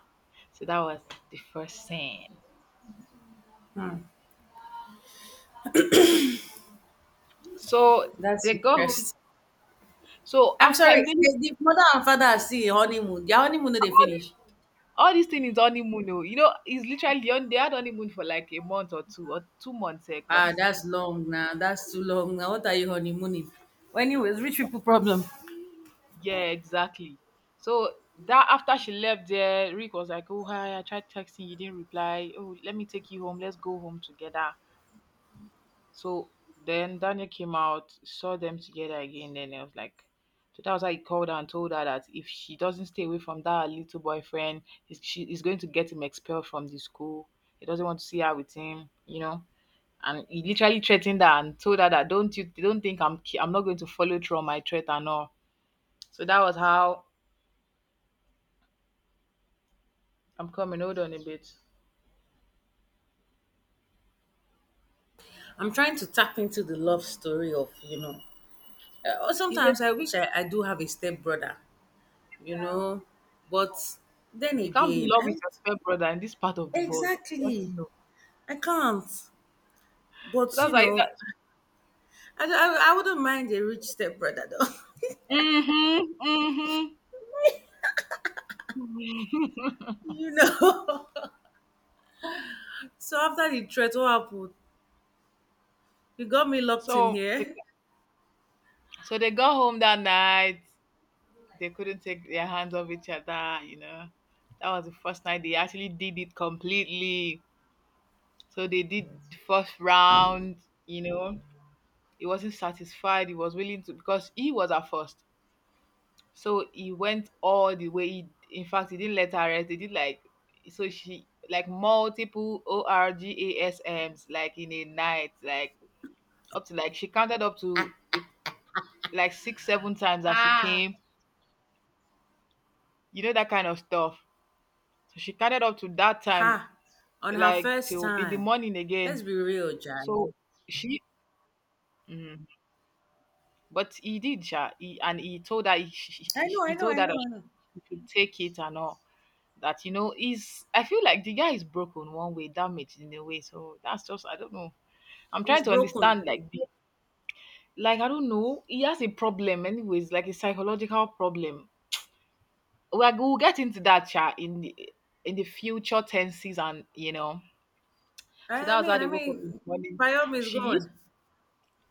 So that was the first scene.
Hmm.
So
That's
they got home.
interesting.
So
I'm
after
sorry.
and then
The, the mother and father are still in honeymoon. Their honeymoon no dey
all this,
finish.
all this thing is honeymoon. Oh. You know, it's literally on. They had honeymoon for like a month or two or two months. Eh,
Ah,
cause,
that's long now. That's too long now. What are you honeymooning? Well, anyways, rich people problem.
yeah, exactly. So that after she left there, Rick was like, "Oh hi, I tried texting, you didn't reply. Oh, let me take you home. Let's go home together." So then Daniel came out, saw them together again. Then I was like, so that was how he called her and told her that if she doesn't stay away from that little boyfriend, he's, she is going to get him expelled from the school. He doesn't want to see her with him, you know. And he literally threatened her and told her that don't you don't think I'm ki- I'm not going to follow through on my threat and all. So that was how I'm coming. Hold on a bit.
I'm trying to tap into the love story of, you know. Uh,
He said,
sometimes I wish I, I do have a stepbrother, you know. But then
you can't be in
again,
love with
and
your spare brother in this part of the world. Heck
exactly,
no.
I can't.
So
But you
that's why that,
know, I, I, I wouldn't mind a rich stepbrother though,
mm-hmm, mm-hmm.
you know. So after the threat, what happened? He got me locked in
So they,
here.
so they got home that night. They couldn't take their hands off each other, you know. That was the first night they actually did it completely. So they did the first round, you know. He wasn't satisfied. He was willing to because he was at first. So he went all the way. He, in fact, he didn't let her rest. They did, like, so she, like, multiple orgasms like in a night, like up to, like, she counted up to it like six seven times as she came. You know that kind of stuff. So she counted up to that time,
Ha! On her
like
first
till in the
time.
morning
Let's
again.
be real, Jai. I
So she. Mm, but he did, sha. He, and he told her, he, he, he
know, I
he
know,
told
I
her that
know, I know.
she should take it and all. That you know is I feel like the guy is broken one way, damaged in a way. So that's just, I don't know. I'm
It's
trying to
broken.
understand, like, the, like, I don't know, he has a problem anyways, like a psychological problem. Like, we'll get into that chat in the in the future tenses and you know So
I, I
that was
mean,
how
I
they woke up in the
mean,
morning.
by all means,
She
go
used
on.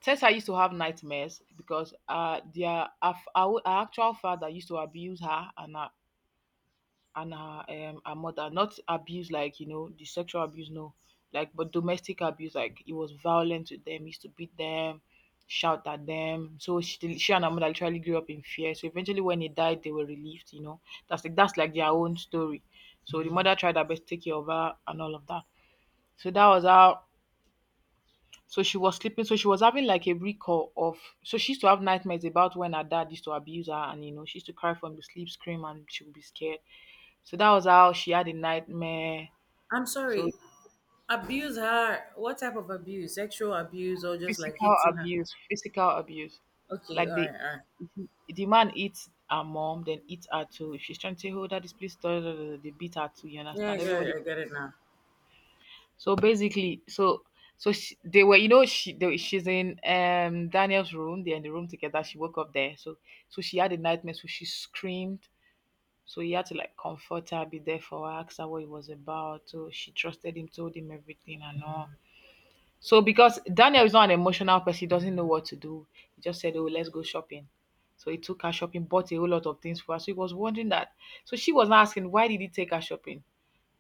Tessa used to have nightmares because uh their her, f- her, o- her actual father used to abuse her and her and her um her mother. Not abuse, like, you know the sexual abuse, no, like, but domestic abuse. Like, he was violent with them, used to beat them, shout at them. So she, she and her mother literally grew up in fear. So eventually, when he died, they were relieved. You know, that's like that's like their own story. So the mother tried her best to take care of her and all of that. So that was how, so she was sleeping, so she was having, like, a recall of, so she used to have nightmares about when her dad used to abuse her, and you know, she used to cry from the sleep, scream, and she would be scared. So that was how she had a nightmare.
I'm
So
sorry. Abuse her. What type of abuse? Sexual abuse or just like
physical
hitting her?
abuse, physical abuse.
Okay,
Like,
all
the
right, all right.
the man eats her mom, then eats her too. If she's trying to say, "Oh, daddy, please, da, da, da, da," they beat her too. You
Yeah, I
understand?
get it,
Everybody
I get it now.
So basically, so so she, they were, you know, she they, she's in um Daniel's room. They're in the room together. She woke up there. So so she had a nightmare. So she screamed. So he had to, like, comfort her, be there for her, ask her what it was about. So she trusted him, told him everything and all. So because Daniel is not an emotional person, he doesn't know what to do. He just said, "Oh, let's go shopping." So he took her shopping, bought a whole lot of things for her. So he was wondering that. So she was asking, "Why did he take her shopping?"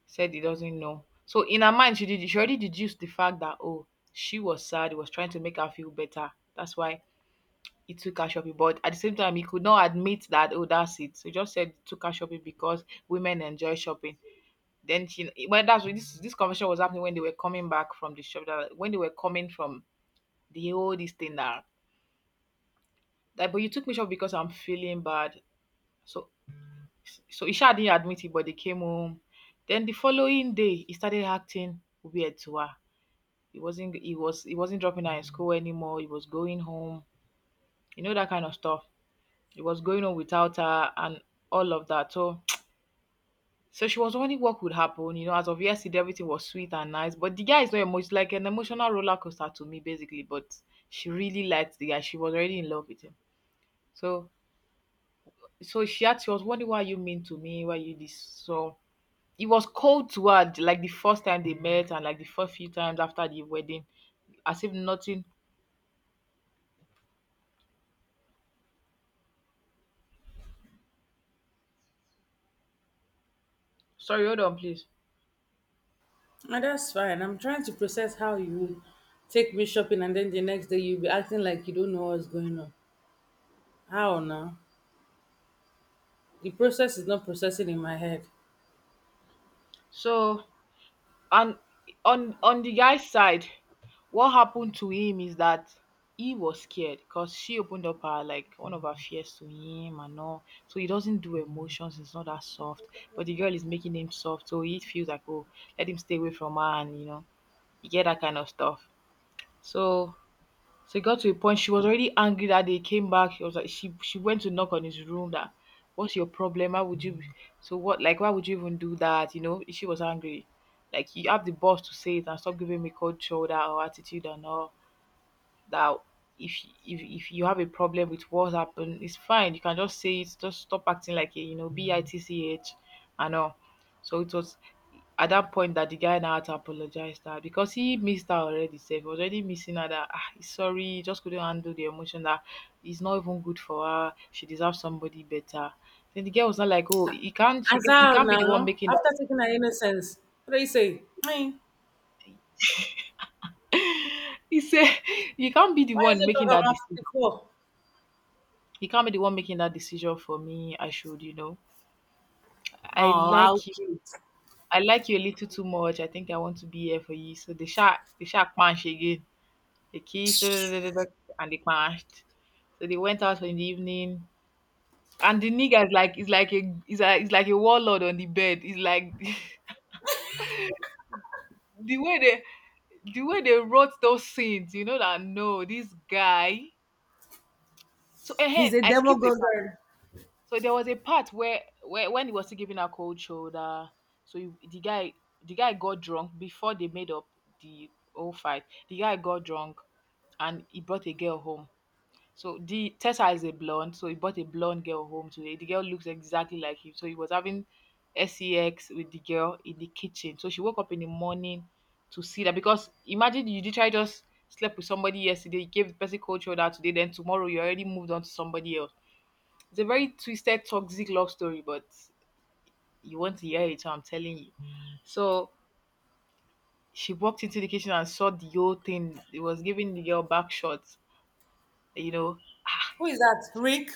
Said he doesn't know. So in her mind, she did she already deduced the fact that, oh, she was sad, he was trying to make her feel better. That's why he took her shopping. But at the same time, he could not admit that, oh, that's it. So he just said he took her shopping because women enjoy shopping. Then she Well, that's when this this conversation was happening, when they were coming back from the shop, that when they were coming from the old this thing, that, that, but you took me shop because I'm feeling bad. So so Isha didn't admit it, but they came home. Then the following day, he started acting weird to her. He wasn't he was he wasn't dropping her in school anymore. He was going home. You know that kind of stuff. He was going home without her and all of that. So so she was wondering what would happen. You know, as of yesterday, everything was sweet and nice. But the guy is not emotional, like an emotional roller coaster to me, basically. But she really liked the guy. She was already in love with him. So so she had she was wondering, why you mean to me, why you this, so it was cold to her, like the first time they met and like the first few times after the wedding. As if nothing Sorry, hold on, please.
Ah, that's fine. I'm trying to process how you take me shopping and then the next day you'll be acting like you don't know what's going on. How now? The process is not processing in my head.
So. And on on the guy's side, what happened to him is that he was scared because she opened up her, like, one of her fears to him and all. So he doesn't do emotions, it's not that soft. But the girl is making him soft, so he feels like, oh, let him stay away from her, and you know, you get that kind of stuff. So so it got to a point she was already angry that they came back. She was like she she went to knock on his room, that, what's your problem? Why would you be- so what like why would you even do that? You know, she was angry. Like, you have the boss to say it and stop giving me cold shoulder or attitude and all that, if if if you have a problem with what happened, it's fine. You can just say it. Just stop acting like a, you know B I T C H and all. So it was at that point that the guy now had to apologize, that because he missed her already. Said he was already missing her. That, ah, he's sorry, he just couldn't handle the emotion. That it's not even good for her. She deserves somebody better. Then the girl was not like, oh, he can't. She,
As
he
how
can't be the one
now?
making that.
After taking her innocence, what are you saying? Hey,
He said, you can't be the
why you
one
didn't
making
talk
that
about
decision.
fifty-four?
He can't be the one making that decision for me. I should, you know. I
Oh, how
like you.
cute.
I like you a little too much. I think I want to be here for you. So the shark, the shark punch again. They kissed and they punched. So they went out in the evening. And the nigga is like, is like a, is a, is like a warlord on the bed. He's like, the way they the way they wrote those scenes, you know that, no, this guy. So
He's
ahead,
a
I
devil
skipped a.
girl.
So there was a part where, where when he was still giving her cold shoulder, so you, the guy the guy got drunk before they made up the whole fight. The guy got drunk and he brought a girl home. So the Tessa is a blonde, so he brought a blonde girl home today. The girl looks exactly like him. So he was having sex with the girl in the kitchen. So she woke up in the morning to see that, because imagine, you literally just slept with somebody yesterday, you gave the person cold shoulder today, then tomorrow you already moved on to somebody else. It's a very twisted, toxic love story, but you want to hear it, so I'm telling you. So she walked into the kitchen and saw the whole thing. It was giving the girl back shots. You know,
Who is that? Rick?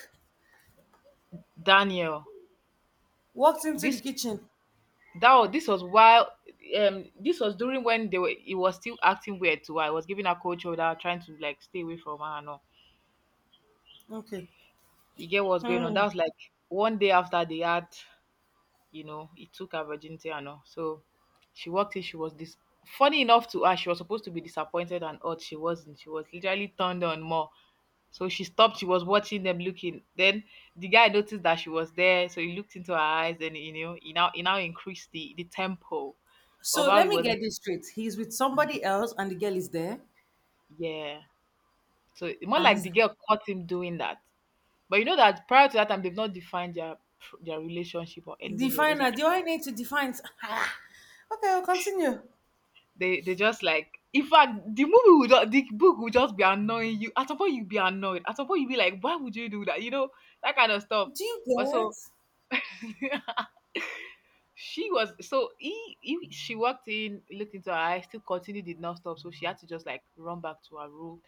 Daniel.
Walked into the
This
kitchen.
that wa- this was while um this was during when they were he was still acting weird to her. I was giving her cold shoulder, trying to, like, stay away from her and all.
Okay.
The girl was going on. That
Hmm.
was like one day after they had, you know, it took her virginity and all. So she walked in. She was this. Funny enough, to her, she was supposed to be disappointed and odd. She wasn't. She was literally turned on more. So she stopped. She was watching them, looking. Then the guy noticed that she was there. So he looked into her eyes, and, you know, he now, he now increased the, the tempo of
So
how
let
he
me
was.
get this straight. He's with somebody else and the girl is there.
Yeah. So more like,
As
the girl caught him doing that. But you know that prior to that time, they've not defined their their relationship or anything. They were just
definer.
at.
Do I need to define? Ah, okay, I'll continue.
They they just, like, in fact, the movie would just, the book would just be annoying you. At some point you'd be annoyed. At some point you'd be like, why would you do that? You know, that kind of stuff.
Do you
But
get?
so, She was so he, he she walked in, looked into her eyes, still continued, did not stop. So she had to just, like, run back to her room.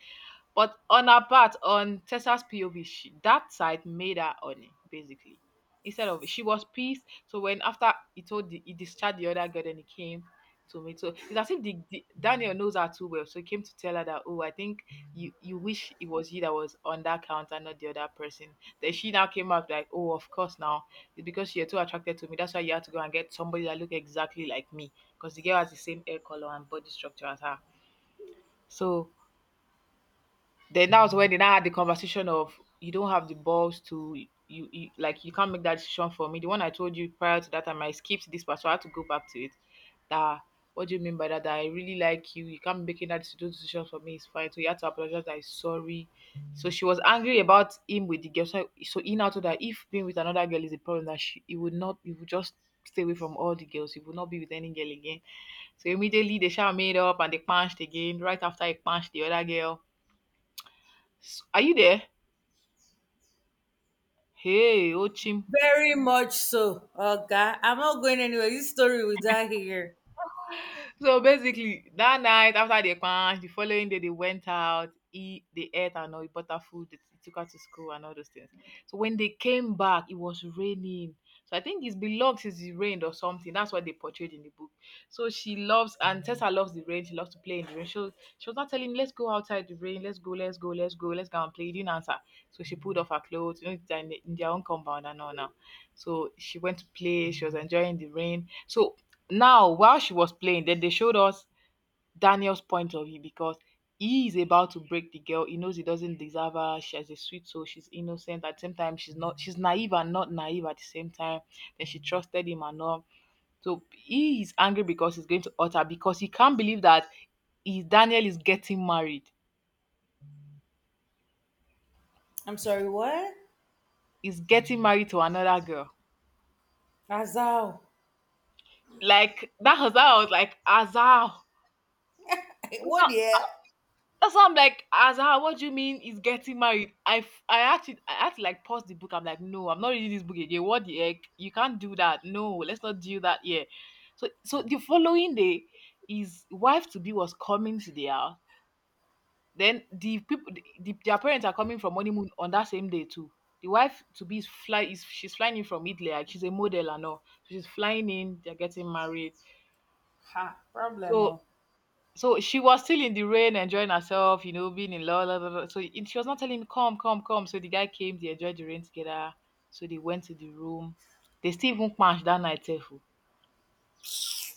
But on her part, on Tessa's P O V, she, that side made her honey, basically. Instead of, she was pissed. So when, after he told the, he discharged the other girl, then he came to me. So it's as if the, the Daniel knows her too well. So he came to tell her that, oh, I think you you wish it was you that was on that counter, not the other person. Then she now came up like, oh, of course now it's because you're too attracted to me. That's why you had to go and get somebody that look exactly like me. Because the girl has the same hair color and body structure as her. So then that was when they now had the conversation of, you don't have the balls to, you, you like, you can't make that decision for me. The one I told you prior to that time I skipped this part, so I had to go back to it. That What do you mean by that? That I really like you. You can't make that decision decision for me. It's fine. So you had to apologize. That is sorry. So she was angry about him with the girl. So, so he now told her if being with another girl is a problem, that she he would not. He would just stay away from all the girls. He would not be with any girl again. So immediately they shall made up and they punched again. Right after he punched the other girl, S- are you there? Hey, Ochim.
Very much so. Oh God, I'm not going anywhere. This story will die here.
So basically that night after they punch, the following day they went out eat they ate and all, he bought butter food, they took her to school and all those things. So when they came back, it was raining. So I think it's been long since it rained or something. That's what they portrayed in the book. So she loves and Tessa loves the rain. She loves to play in the rain. She was, she was not telling him, let's go outside the rain, let's go, let's go, let's go, let's go and play. He didn't answer. So she pulled off her clothes, you know, they're in, in their own compound and all now. So she went to play. She was enjoying the rain. So now, while she was playing, then they showed us Daniel's point of view, because he is about to break the girl. He knows he doesn't deserve her. She has a sweet soul. She's innocent. At the same time, she's not. She's naive and not naive at the same time. Then she trusted him and all. So he is angry because he's going to utter because he can't believe that he, Daniel is getting married.
I'm sorry. What?
He's getting married to another girl.
Azal.
Like that was how I was like, Azal.
What the hell?
That's why I'm like, Azara, what do you mean is getting married? I f- I actually I had to like pause the book. I'm like, no, I'm not reading this book again. What the heck? You can't do that. No, let's not do that here. So so the following day, his wife to be was coming to the house. Then the people the, the- their parents are coming from honeymoon on that same day too. The wife to be is fly is she's flying in from Italy. like, She's a model and all. So, she's flying in, they're getting married.
Ha. Problem.
So
Oh.
so she was still in the rain enjoying herself, you know, being in love, blah, blah, blah. So it, she was not telling me, come, come, come. So the guy came, they enjoyed the rain together. So they went to the room. They still even punched that night, sef oh.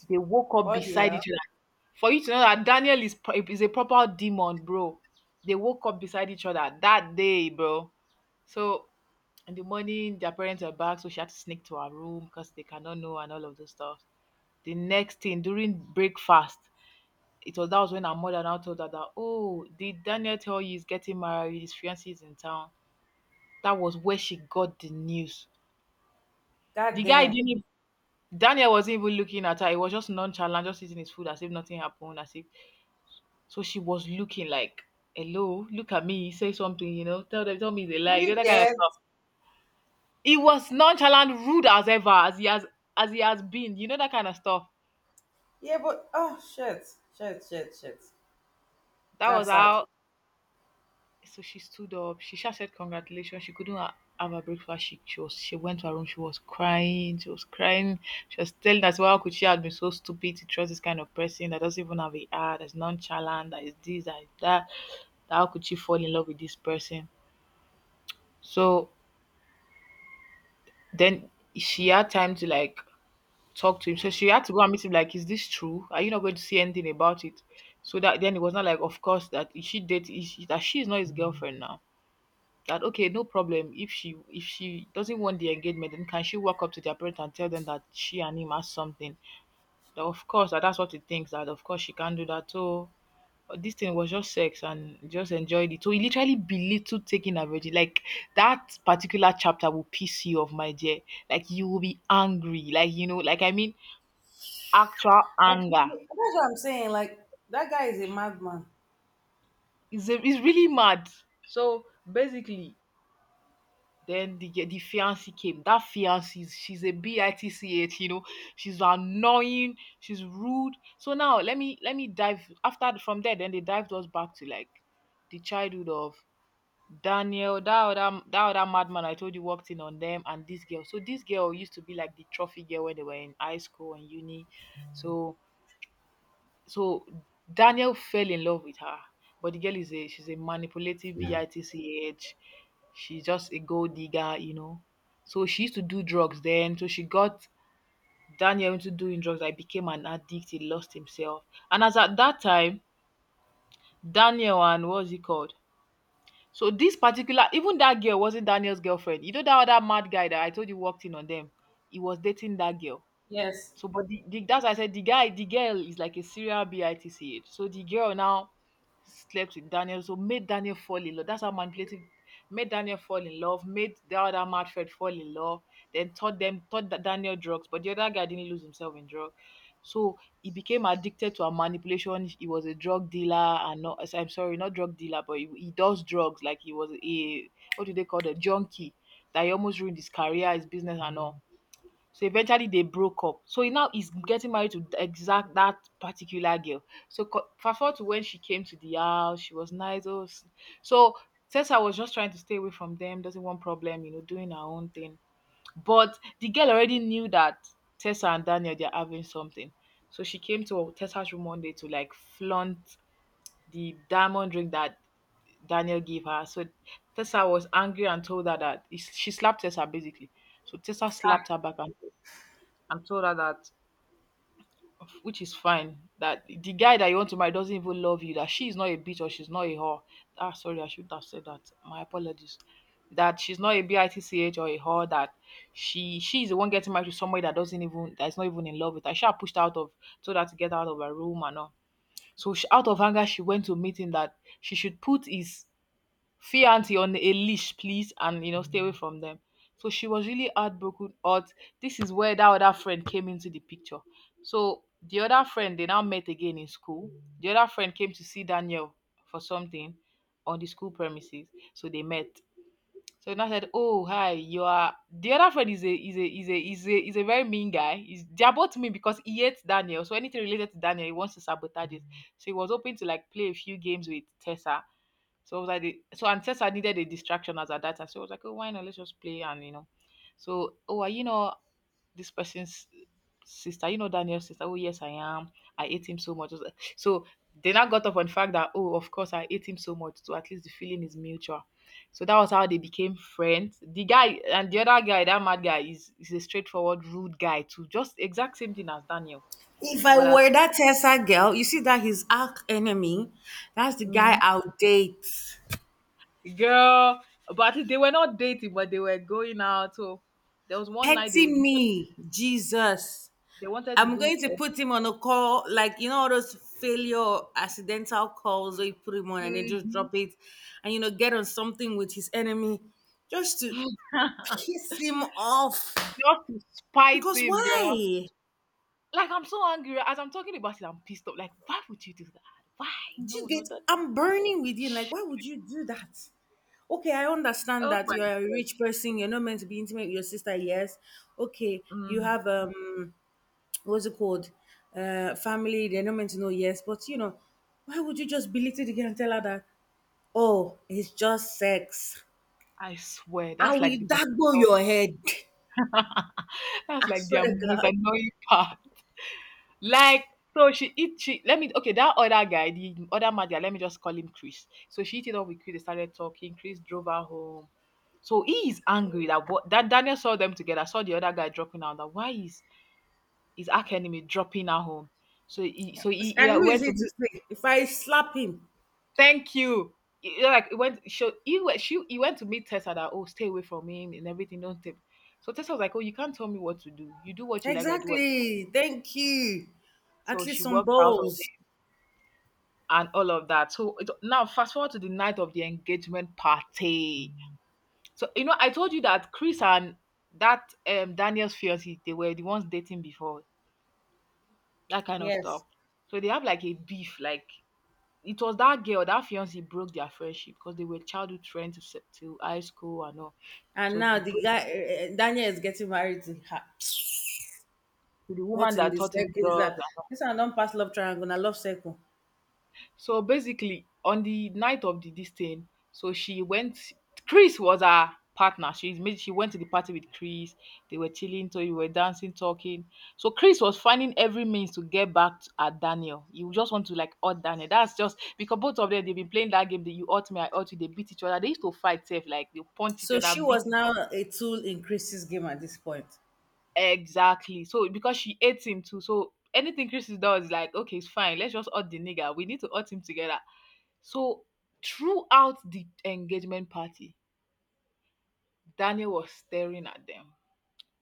They woke up
What the
beside
hell?
each other. For you to know that Daniel is, pro- is a proper demon, bro. They woke up beside each other that day, bro. So in the morning, their parents were back, so she had to sneak to her room because they cannot know and all of those stuff. The next thing during breakfast, it was that was when her mother now told her that, oh, did Daniel tell you he's getting married? His fiancée is in town. That was where she got the news.
God
The guy
damn. Do
didn't, even- Daniel wasn't even looking at her. He was just nonchalant, just eating his food as if nothing happened. As if so, She was looking like, "Hello, look at me. Say something. You know, tell them, tell me they lie. You know,
you
that kind of
get?
stuff." He was nonchalant, rude as ever, as he has as he has been. You know, that kind of stuff.
Yeah, but oh shit, shit, shit, shit.
That was
That's sad.
how So she stood up. She just said congratulations. She couldn't ha- have her breakfast. She she, was, she went to her room. She was crying. She was crying. She was telling us, well, how could she have been so stupid to trust this kind of person that doesn't even have a heart, that's nonchalant, that is this, that is that. that How could she fall in love with this person? So then she had time to like talk to him. So she had to go and meet him. Like, is this true? Are you not going to say anything about it? So that then it was not like, of course, that she date is that she is not his girlfriend now, that okay, no problem, if she if she doesn't want the engagement, then can she walk up to their parents and tell them that she and him has something. That of course that that's what he thinks, that of course she can't do that, so this thing was just sex and just enjoyed it. So he literally belittled taking a virgin. Like, that particular chapter will piss you off, my dear. Like, you will be angry. Like, you know, like, I mean, actual
Like he-
anger.
that's what I'm saying. Like that guy is a madman.
Is It's really mad. So basically, then the ge- the fiancé came. That fiancé, is- she's a bitch. You know, she's annoying. She's rude. So now, let me let me dive after from there. Then they dived us back to like the childhood of Daniel. That other that other madman I told you walked in on them and this girl. So this girl used to be like the trophy girl when they were in high school and uni. So so Daniel fell in love with her, but the girl is a, she's a manipulative bitch. She's just a gold digger, you know. So she used to do drugs then. So she got Daniel into doing drugs. I became an addict. He lost himself. And as at that time, Daniel and what's he called? So this particular, even that girl wasn't Daniel's girlfriend. You know that other mad guy that I told you walked in on them. He was dating that girl.
Yes.
So, but the, the that's why I said the guy, the girl is like a serial bitch. So the girl now slept with Daniel, so made Daniel fall in love. That's how manipulative. Made Daniel fall in love, made the other Manfred fall in love, then taught them taught Da- Daniel drugs, but the other guy didn't lose himself in drug. So he became addicted to a manipulation. He was a drug dealer and not, I'm sorry, not drug dealer, but he, he does drugs. Like he was a, what do they call it? Junkie. That he almost ruined his career, his business and all. So eventually they broke up. So he now he's getting married to th- exact that particular girl. So co- fast forward to when she came to the house, she was nice. oh, s- So since I was just trying to stay away from them, doesn't want problem, you know, doing her own thing. But the girl already knew that Tessa and Daniel they're having something. So she came to Tessa's room one day to like flaunt the diamond ring that Daniel gave her. So Tessa was angry and told her that he- she slapped Tessa basically. So Tessa slapped her back and and told her that, which is fine, that the guy that you want to marry doesn't even love you. That she is not a bitch or she's not a whore. Ah, sorry, I should have said that, my apologies. That she's not a bitch or a whore. That she she is the one getting married to somebody that doesn't even that's not even in love with her. She had pushed her out of, told her to get out of her room and all. So she, out of anger, she went to a meeting, that she should put his see auntie on a leash, please, and you know, stay away from them. So she was really heartbroken. But this is where that other friend came into the picture. So the other friend they now met again in school. The other friend came to see Daniel for something on the school premises. So they met. So now said, "Oh hi, you are." The other friend is a is a is a is a is a very mean guy. Is they are both mean, because he hates Daniel. So anything related to Daniel, he wants to sabotage it. So he was hoping to like play a few games with Tessa. So I was like, the, so and since I needed a distraction as at that time, so I was like, oh, why not? Let's just play and you know. So, oh, are you know this person's sister? You know Daniel's sister? Oh yes, I am. I hate him so much. I was like- So they now got up on the fact that oh, of course I hate him so much. So at least the feeling is mutual. So that was how they became friends. The guy and the other guy, that mad guy, is is a straightforward, rude guy too. Just exact same thing as Daniel,
If I
but
were that Tessa girl, you see that his arch enemy, that's the guy
at
I'll date.
Girl, but at least they were not dating, but they were going out. So there was one night they
Petty
would
me, Jesus.
they wanted to
I'm
do
going to
a
put him on a call, like, you know, all those failure, or accidental calls where you put him on and then just
Mhm.
drop it and, you know, get on something with his enemy just to piss him off.
just to spite
Because
him, girl.
why?
Like I'm so angry. As I'm talking about it, I'm pissed off. Like, why would you do that? Why?
Did you
No, no,
get,
don't.
I'm burning with you. Like, why would you do that? Okay, I understand
Oh
that
my
you are a
god.
rich person. You're not meant to be intimate with your sister. Yes. Okay, you
Mm,
have um, what's it called? Uh, family. They're not meant to know. Yes, but you know, why would you just belittle the girl and tell her that? Oh, it's just sex.
I swear,
I
that's
will
like the most
daggle
annoying-
your head.
that's
I
like
swear
their
to
most
God.
annoying part. Like, so she eat she let me okay, that other guy, the other man there, let me just call him Chris. So she eat it up with Chris, they started talking. Chris drove her home. So he is angry that what, that Daniel saw them together, saw the other guy dropping out. That why is his arch enemy dropping at home? So he so he
And
yeah,
who is
went to
it to
meet
say? If I slap him,
thank you. He- he like he went so he went she he went to meet Tessa that, oh, stay away from him and everything, don't take, so Tessa was like, "Oh, you can't tell me what to do. You do what you like, I do what,"
exactly. Thank you. At
so
least
she
some
worked out on
balls.
it and all of that. So it, now fast forward to the night of the engagement party. So you know, I told you that Chris and that um Daniel's fiance, they were the ones dating before. That kind of
Yes.
stuff. So they have like a beef. Like it was that girl, that fiance broke their friendship because they were childhood friends to, se- to high school and all.
And
So
now
he
the
broke,
guy, uh, Daniel is getting married to her.
to the
What
woman
in
that
the
taught him
circle is
drugs.
that? This one don't pass love triangle, na love circle.
So basically, on the night of the this thing, so she went. Chris was her partner. She's made. She went to the party with Chris. They were chilling, so you were dancing, talking. So Chris was finding every means to get back to, at Daniel. You just want to like out Daniel. That's just because both of them they've been playing that game. That you ought me, I ought you. They beat each other. They used to fight safe, like they punch each
So she
other, beat
was
each other.
now a tool in Chris's game at this point.
Exactly. So because she hates him too, so anything Chrissy does, like, okay, it's fine. Let's just hurt the nigga. We need to hurt him together. So throughout the engagement party, Daniel was staring at them.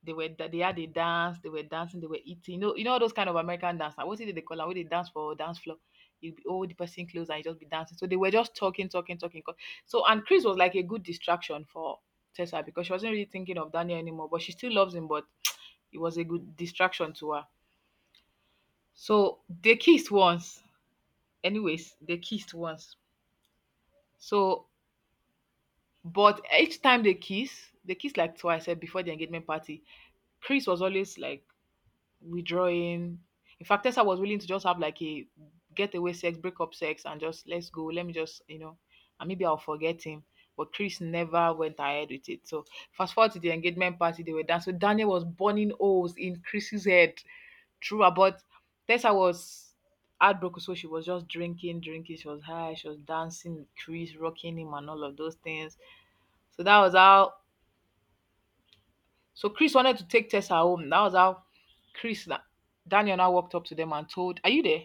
They were they had a dance. They were dancing. They were eating. You know, you know those kind of American dance. What is it they call it? When they dance for dance floor, you be hold the person close and you just be dancing. So they were just talking, talking, talking. So and Chris was like a good distraction for Tessa because she wasn't really thinking of Daniel anymore, but she still loves him. But it was a good distraction to her. So they kissed once. Anyways, they kissed once. So, but each time they kiss, they kiss like twice eh, before the engagement party. Chris was always like withdrawing. In fact, Tessa was willing to just have like a getaway sex, breakup sex, and just let's go. Let me just, you know, and maybe I'll forget him. But Chris never went ahead with it. So fast forward to the engagement party, they were done. So Daniel was burning holes in Chris's head. True, ah, but Tessa was heartbroken, so she was just drinking, drinking. She was high, she was dancing with Chris, rocking him, and all of those things. So that was how. So Chris wanted to take Tessa home. That was how Chris, Daniel now walked up to them and told, "Are you there?"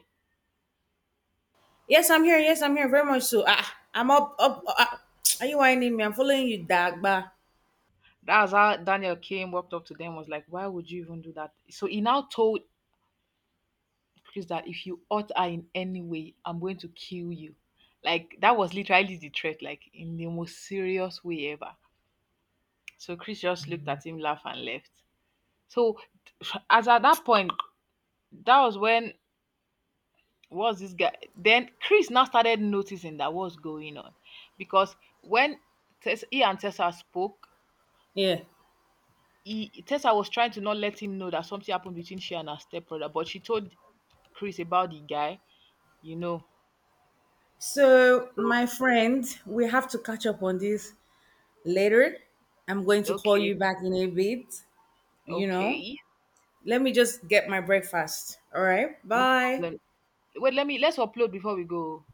Yes, I'm here. Yes, I'm here. Very much so. Ah, I'm up. Up. uh, Ah, are you whining me? I'm following you, Dagba.
That was how Daniel came, walked up to them, was like, "Why would you even do that?" So he now told Chris that if you hurt her in any way, I'm going to kill you. Like, that was literally the threat, like, in the most serious way ever. So Chris just looked at him, laughed, and left. So as at that point, that was when was this guy? Then Chris now started noticing that what's going on, because when Tess, he and Tessa spoke,
Yeah.
he, Tessa was trying to not let him know that something happened between she and her stepbrother, but she told Chris about the guy, you know.
So
So
my friend, we have to catch up on this later. I'm going to call
okay,
you back in a bit. You know.
okay,
Let me just get my breakfast. All right.
no
Bye.
problem. Wait, let me let's upload before we go.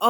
Oh,